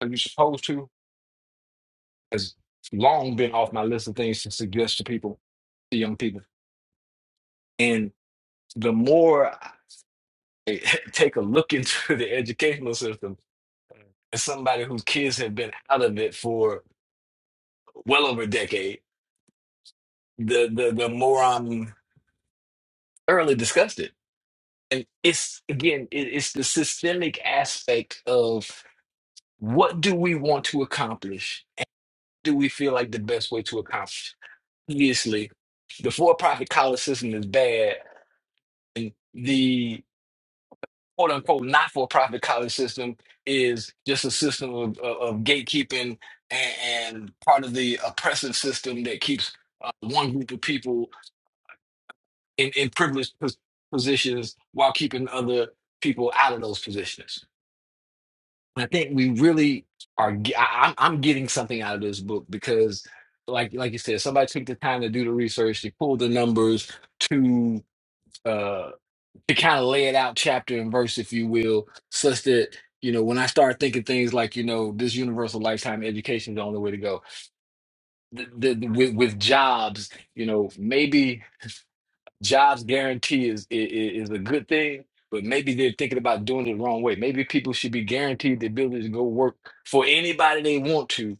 G: like you're supposed to, has long been off my list of things to suggest to people, to young people. And the more take a look into the educational system as somebody whose kids have been out of it for well over a decade, the the the more I'm thoroughly disgusted. And it's again, it, it's the systemic aspect of what do we want to accomplish? Do we feel like the best way to accomplish? Obviously, the for-profit college system is bad, and the. quote unquote not for profit college system is just a system of, of, of gatekeeping and, and part of the oppressive system that keeps uh, one group of people in, in privileged pos- positions while keeping other people out of those positions. And I think we really are. ge- I, I'm I'm getting something out of this book because, like like you said, somebody took the time to do the research, they pulled the numbers to. uh, to kind of lay it out chapter and verse, if you will, such that you know when I start thinking things like you know this universal lifetime education is the only way to go. The, the, the- with with jobs, you know maybe jobs guarantee is, is is a good thing, but maybe they're thinking about doing it the wrong way. Maybe people should be guaranteed the ability to go work for anybody they want to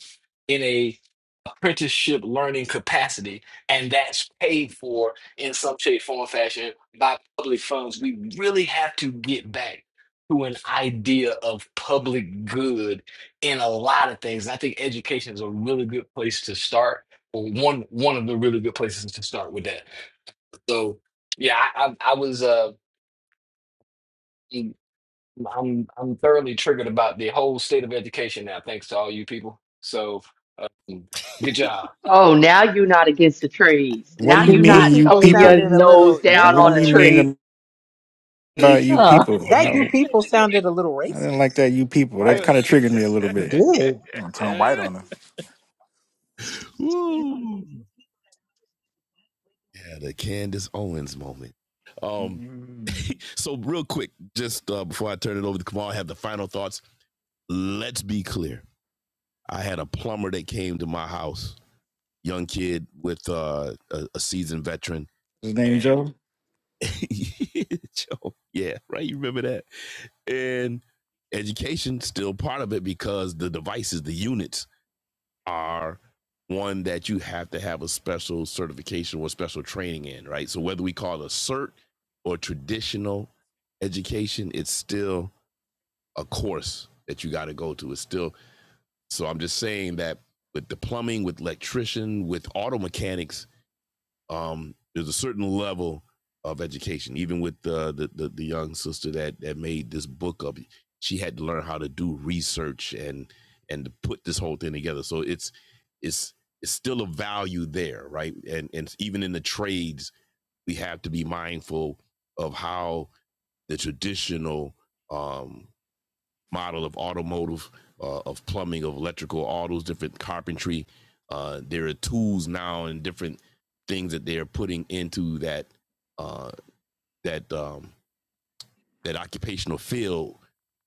G: in a apprenticeship learning capacity, and that's paid for in some shape, form, or fashion by public funds. We really have to get back to an idea of public good in a lot of things. And I think education is a really good place to start, or one one of the really good places to start with that. So yeah, I, I, I was uh I'm I'm thoroughly triggered about the whole state of education now, thanks to all you people. So um, good job.
A: Oh, now you're not against the trades.
C: what do
A: Now
C: you
F: The
A: you're
F: you
C: mean
A: not
C: you
F: people
A: thumbing your
C: people?
F: sounded a
A: nose
F: little
A: down
C: What do
A: on the
C: you
F: yeah.
A: trades,
C: mean about you
A: huh?
C: people?
F: That you
C: How?
F: people sounded a little
C: I didn't like
F: racist.
C: that you people. That
H: Right.
C: kind of triggered me a little
F: It
C: bit.
F: did.
H: I'm gonna turn white on her.
B: Woo! Yeah, the Candace Owens moment. Um,
H: Mm.
B: so real quick, just uh, before I turn it over to Kamal, I have the final thoughts. Let's be clear. I had a plumber that came to my house, young kid with uh, a, a seasoned veteran,
C: His name
B: and
C: Joe.
B: yeah, right. You remember that? And education still part of it because the devices, the units, are one that you have to have a special certification or special training in, right? So whether we call it a cert or traditional education, it's still a course that you got to go to. It's still so. I'm just saying that with the plumbing, with electrician, with auto mechanics, um, there's a certain level of education. Even with the the, the, the young sister that that made this book up, she had to learn how to do research and and to put this whole thing together. So it's it's it's still a value there, right? And and even in the trades, we have to be mindful of how the traditional um, model of automotive, uh, of plumbing, of electrical, all those different carpentry. Uh, there are tools now and different things that they're putting into that uh, that um, that occupational field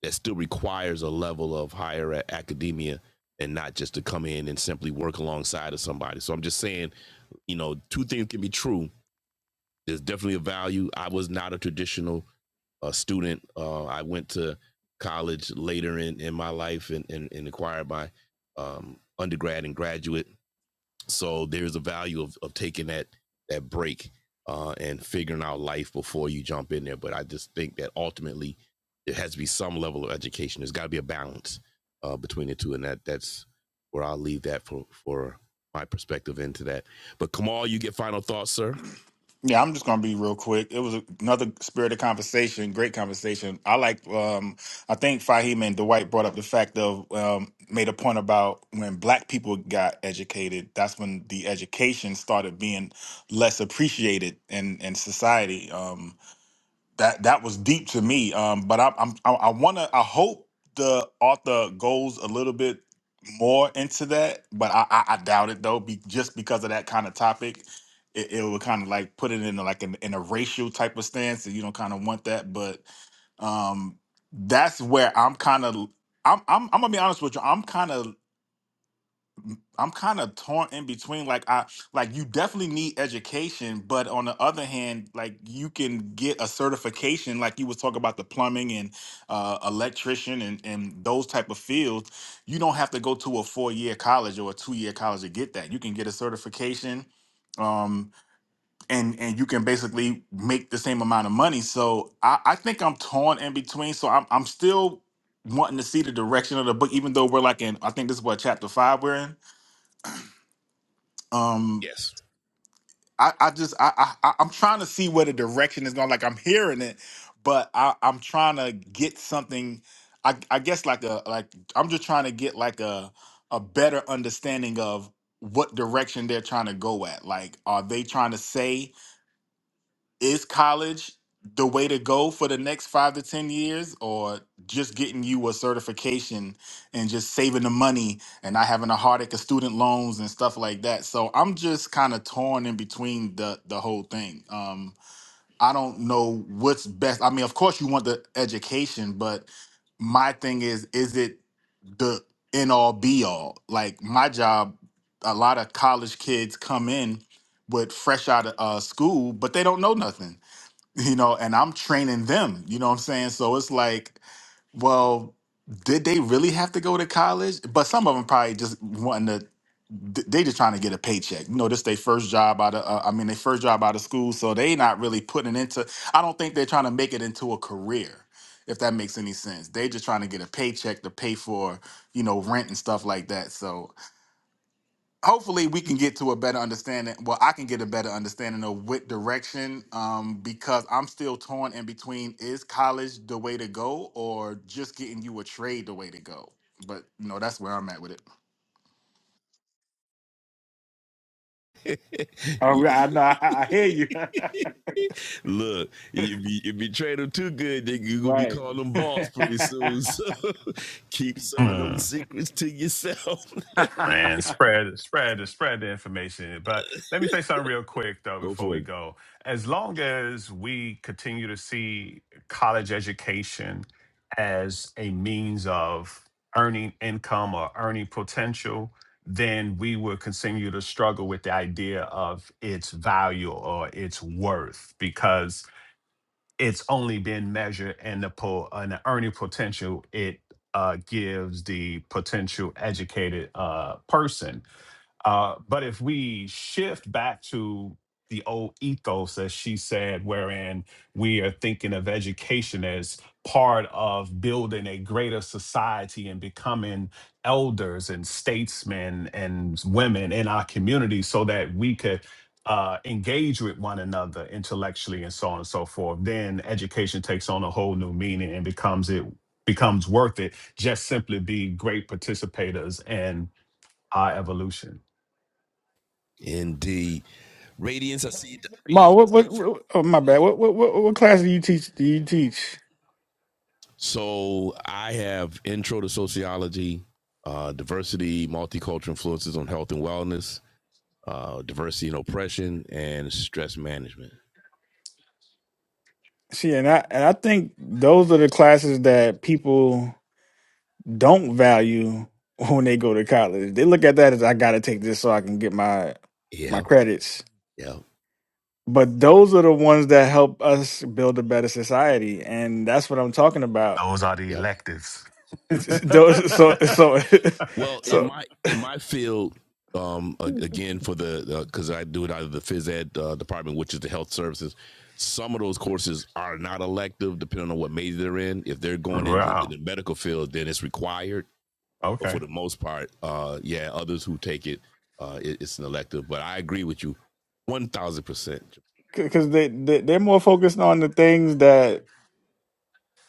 B: that still requires a level of higher academia and not just to come in and simply work alongside of somebody. So I'm just saying, you know, two things can be true. There's definitely a value. I was not a traditional a student. Uh, I went to college later in, in my life and, and, and acquired my um, undergrad and graduate. So there's a value of, of taking that that break uh, and figuring out life before you jump in there. But I just think that ultimately it has to be some level of education. There's got to be a balance uh, between the two, and that that's where I'll leave that for for my perspective into that. But Kamal, you get final thoughts, sir.
H: Yeah, I'm just gonna be real quick. It was another spirited conversation, great conversation. I like. Um, I think Fahim and Dwight brought up the fact of um, made a point about when Black people got educated. That's when the education started being less appreciated in in society. Um, that that was deep to me. Um, but I, I'm I, I want to I hope the author goes a little bit more into that, but I I, I doubt it though, be, just because of that kind of topic. It, it would kind of like put it in like an, in a racial type of stance, and you don't kind of want that. But um, that's where I'm kind of I'm, I'm I'm gonna be honest with you. I'm kind of I'm kind of torn in between. Like I like you definitely need education, but on the other hand, like you can get a certification, like you was talking about the plumbing and uh, electrician and and those type of fields. You don't have to go to a four year college or a two year college to get that. You can get a certification, um, and and you can basically make the same amount of money. So I, I think I'm torn in between. So I'm I'm still wanting to see the direction of the book, even though we're like in I think this is what chapter five we're in um
B: Yes.
H: i i just i, I I- i'm trying to see where the direction is going like i'm hearing it but i i'm trying to get something i i guess like a like i'm just trying to get like a a better understanding of what direction they're trying to go at like are they trying to say is college the way to go for the next five to ten years or just getting you a certification and just saving the money and not having a heartache of student loans and stuff like that so i'm just kind of torn in between the the whole thing um i don't know what's best i mean of course you want the education but my thing is is it the end all be all like my job a lot of college kids come in with fresh out of uh, school but they don't know nothing you know, and I'm training them, you know what I'm saying? So it's like, well, did they really have to go to college? But some of them probably just wanting to, th- they just trying to get a paycheck. You know, this their first job out of, uh, I mean, their first job out of school. So they not really putting into, I don't think they're trying to make it into a career, if that makes any sense. They just trying to get a paycheck to pay for, you know, rent and stuff like that. So hopefully we can get to a better understanding well i can get a better understanding of what direction um because i'm still torn in between is college the way to go or just getting you a trade the way to go but you know that's where i'm at with it All
B: You,
H: right, I know. I, I hear
B: Look,
H: you.
B: if you, if you trade them too good, they, you're gonna be
H: right.
B: calling them boss pretty soon. So keep some of them secrets to yourself.
D: Man, spread, spread, the- spread the information. But let me say something real quick though
B: Go
D: before
B: for
D: we
B: it.
D: go. As long as we continue to see college education as a means of earning income or earning potential, then we will continue to struggle with the idea of its value or its worth because it's only been measured in the po- in the earning potential it uh, gives the potential educated uh, person uh, but if we shift back to the old ethos, as she said, wherein we are thinking of education as part of building a greater society and becoming elders and statesmen and women in our community so that we could uh, engage with one another intellectually and so on and so forth, then education takes on a whole new meaning and becomes it becomes worth it just simply be great participators in our evolution.
B: Indeed. Radiance, I see.
C: Ma, what,
B: Go
C: what,
B: for it.
C: what oh, my bad. What, what, what, what class do you teach? Do you teach?
B: So I have intro to sociology, uh, diversity, multicultural influences on health and wellness, uh, diversity and oppression, and stress management.
C: See, and I, and I think those are the classes that people don't value when they go to college. They look at that as I got to take this so I can get my, my
B: Yeah,
C: credits.
B: yeah,
C: But those are the ones that help us build a better society, and that's what I'm talking about.
D: Those are the
B: yep,
D: electives.
C: Though- so
B: Yeah.
C: so
B: Well, in
C: so
B: my in my field, um, again for the because uh, I do it out of the phys ed uh, department, which is the health services. Some of those courses are not elective, depending on what major they're in. If they're going into in
D: Wow.
B: the medical field, then it's required. But for
D: Okay.
B: the most part, uh, yeah, others who take it, uh, it, it's an elective. But I agree with you, one thousand percent.
C: because they, they they're more focused on the things that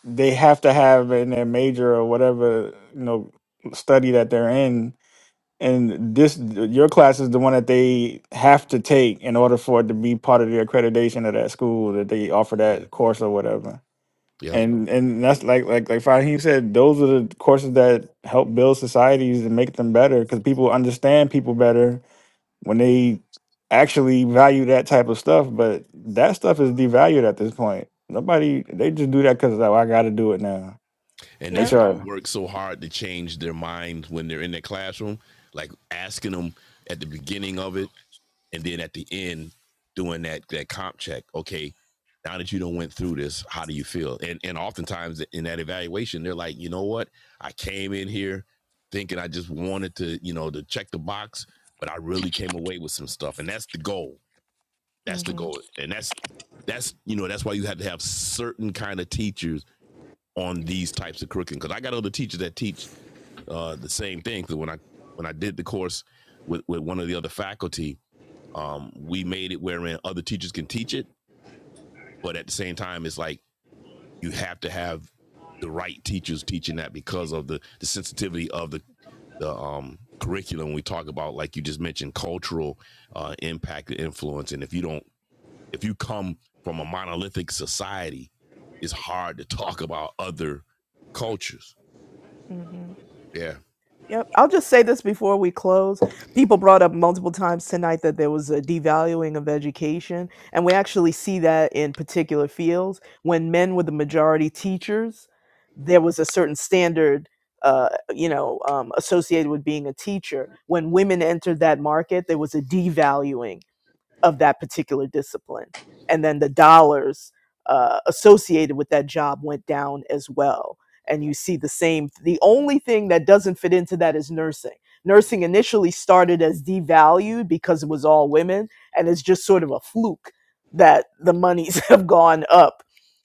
C: they have to have in their major or whatever you know study that they're in and this your class is the one that they have to take in order for it to be part of the accreditation of that school that they offer that course or whatever
B: Yep,
C: and and that's like like like Fahim said those are the courses that help build societies and make them better because people understand people better when they actually value that type of stuff. But that stuff is devalued at this point. Nobody they just do that because oh, I got to do it now.
B: and
C: Make
B: that's
E: Yep.
B: why we
C: sure.
B: work so hard to change their minds when they're in their classroom. Like asking them at the beginning of it, and then at the end doing that that comp check okay now that you don't went through this how do you feel and and oftentimes in that evaluation they're like you know what i came in here thinking i just wanted to you know to check the box but i really came away with some stuff and that's the goal that's the
E: hmm
B: goal and that's that's you know that's why you have to have certain kind of teachers on these types of curriculum because i got other teachers that teach uh the same thing because when i when i did the course with with one of the other faculty um, we made it wherein other teachers can teach it, but at the same time, it's like you have to have the right teachers teaching that because of the the sensitivity of the the um, curriculum. We talk about like you just mentioned cultural uh, impact and influence, and if you don't, if you come from a monolithic society, it's hard to talk about other cultures.
E: Uh huh.
B: Yeah.
E: Yep. I'll just say this before we close. People brought up multiple times tonight that there was a devaluing of education. And we actually see that in particular fields. When men were the majority teachers, there was a certain standard, uh, you know, um, associated with being a teacher. When women entered that market, there was a devaluing of that particular discipline. And then the dollars uh, associated with that job went down as well. And you see the same. The only thing that doesn't fit into that is nursing. Nursing initially started as devalued because it was all women, and it's just sort of a fluke that the monies have gone up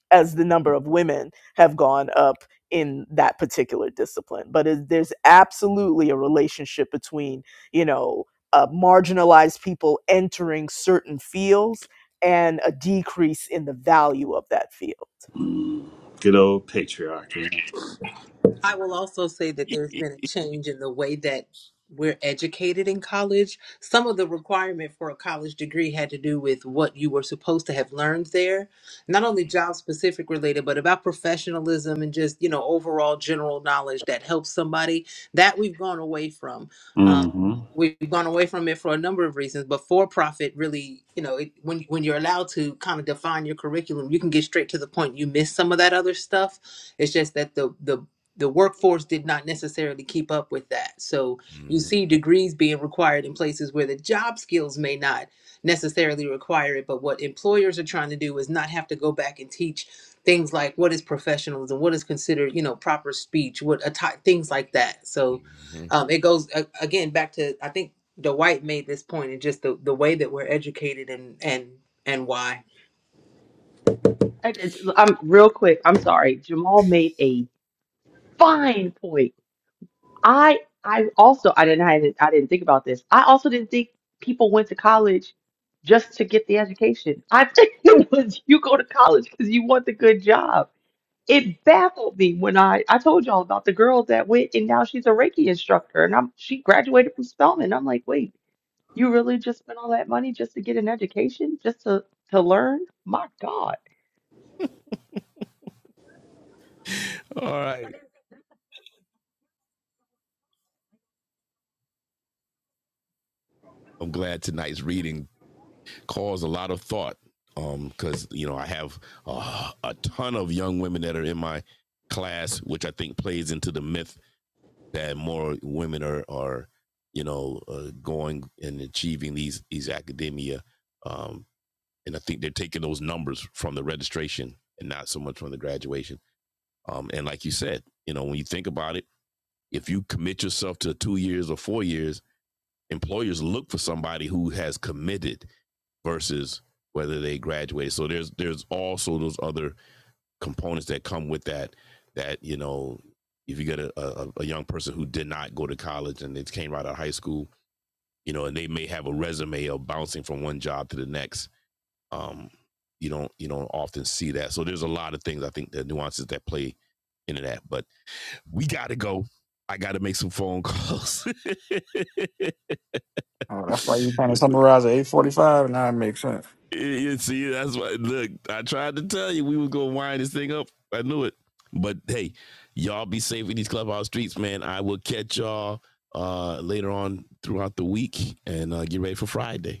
E: as the number of women have gone up in that particular discipline. But it, there's absolutely a relationship between, you know, uh, marginalized people entering certain fields and a decrease in the value of that field.
F: I will also say that there's been a change in the way that we're educated in college. Some of the requirement for a college degree had to do with what you were supposed to have learned there, not only job specific related, but about professionalism and just, you know, overall general knowledge that helps somebody. That we've gone away from. Um, we've gone away from it for a number of reasons, but for profit really, you know, it, when, when you're allowed to kind of define your curriculum, you can get straight to the point. You miss some of that other stuff. It's just that the the the workforce did not necessarily keep up with that. So you
B: Mhm.
F: see degrees being required in places where the job skills may not necessarily require it, but what employers are trying to do is not have to go back and teach things like what is professionalism, what is considered, you know, proper speech, what a ti- things like that. So
B: Mhm.
F: um, it goes a- again back to I think Dwight made this point and just the the way that we're educated and and and why.
A: I- I- I'm real quick. I'm sorry. Jamal made a fine point I I also I didn't I didn't, I didn't think about this. I also didn't think people went to college just to get the education. I think it was you go to college because you want the good job. It baffled me when I I told y'all about the girl that went and now she's a Reiki instructor and I'm she graduated from Spelman. I'm like, wait, you really just spent all that money just to get an education, just to to learn? My God.
B: All right. I'm glad tonight's reading caused a lot of thought um, because you know I have uh, a ton of young women that are in my class, which I think plays into the myth that more women are are you know uh, going and achieving these these academia, um, and I think they're taking those numbers from the registration and not so much from the graduation. Um, and like you said, you know when you think about it, if you commit yourself to two years or four years, employers look for somebody who has committed versus whether they graduate. So there's there's also those other components that come with that. That you know, if you get a, a, a young person who did not go to college and they came right out of high school, you know, and they may have a resume of bouncing from one job to the next. Um, you don't you don't often see that. So there's a lot of things I think the nuances that play into that. But we gotta go. I gotta make some phone calls.
C: I, oh, that's why you kind of summarize at eight forty five. Now it makes sense.
B: You see, that's what Look, I tried to tell you we were gonna wind this thing up. I knew it. But hey, y'all be safe in these clubhouse streets, man. I will catch y'all uh later on throughout the week and uh, get ready for Friday.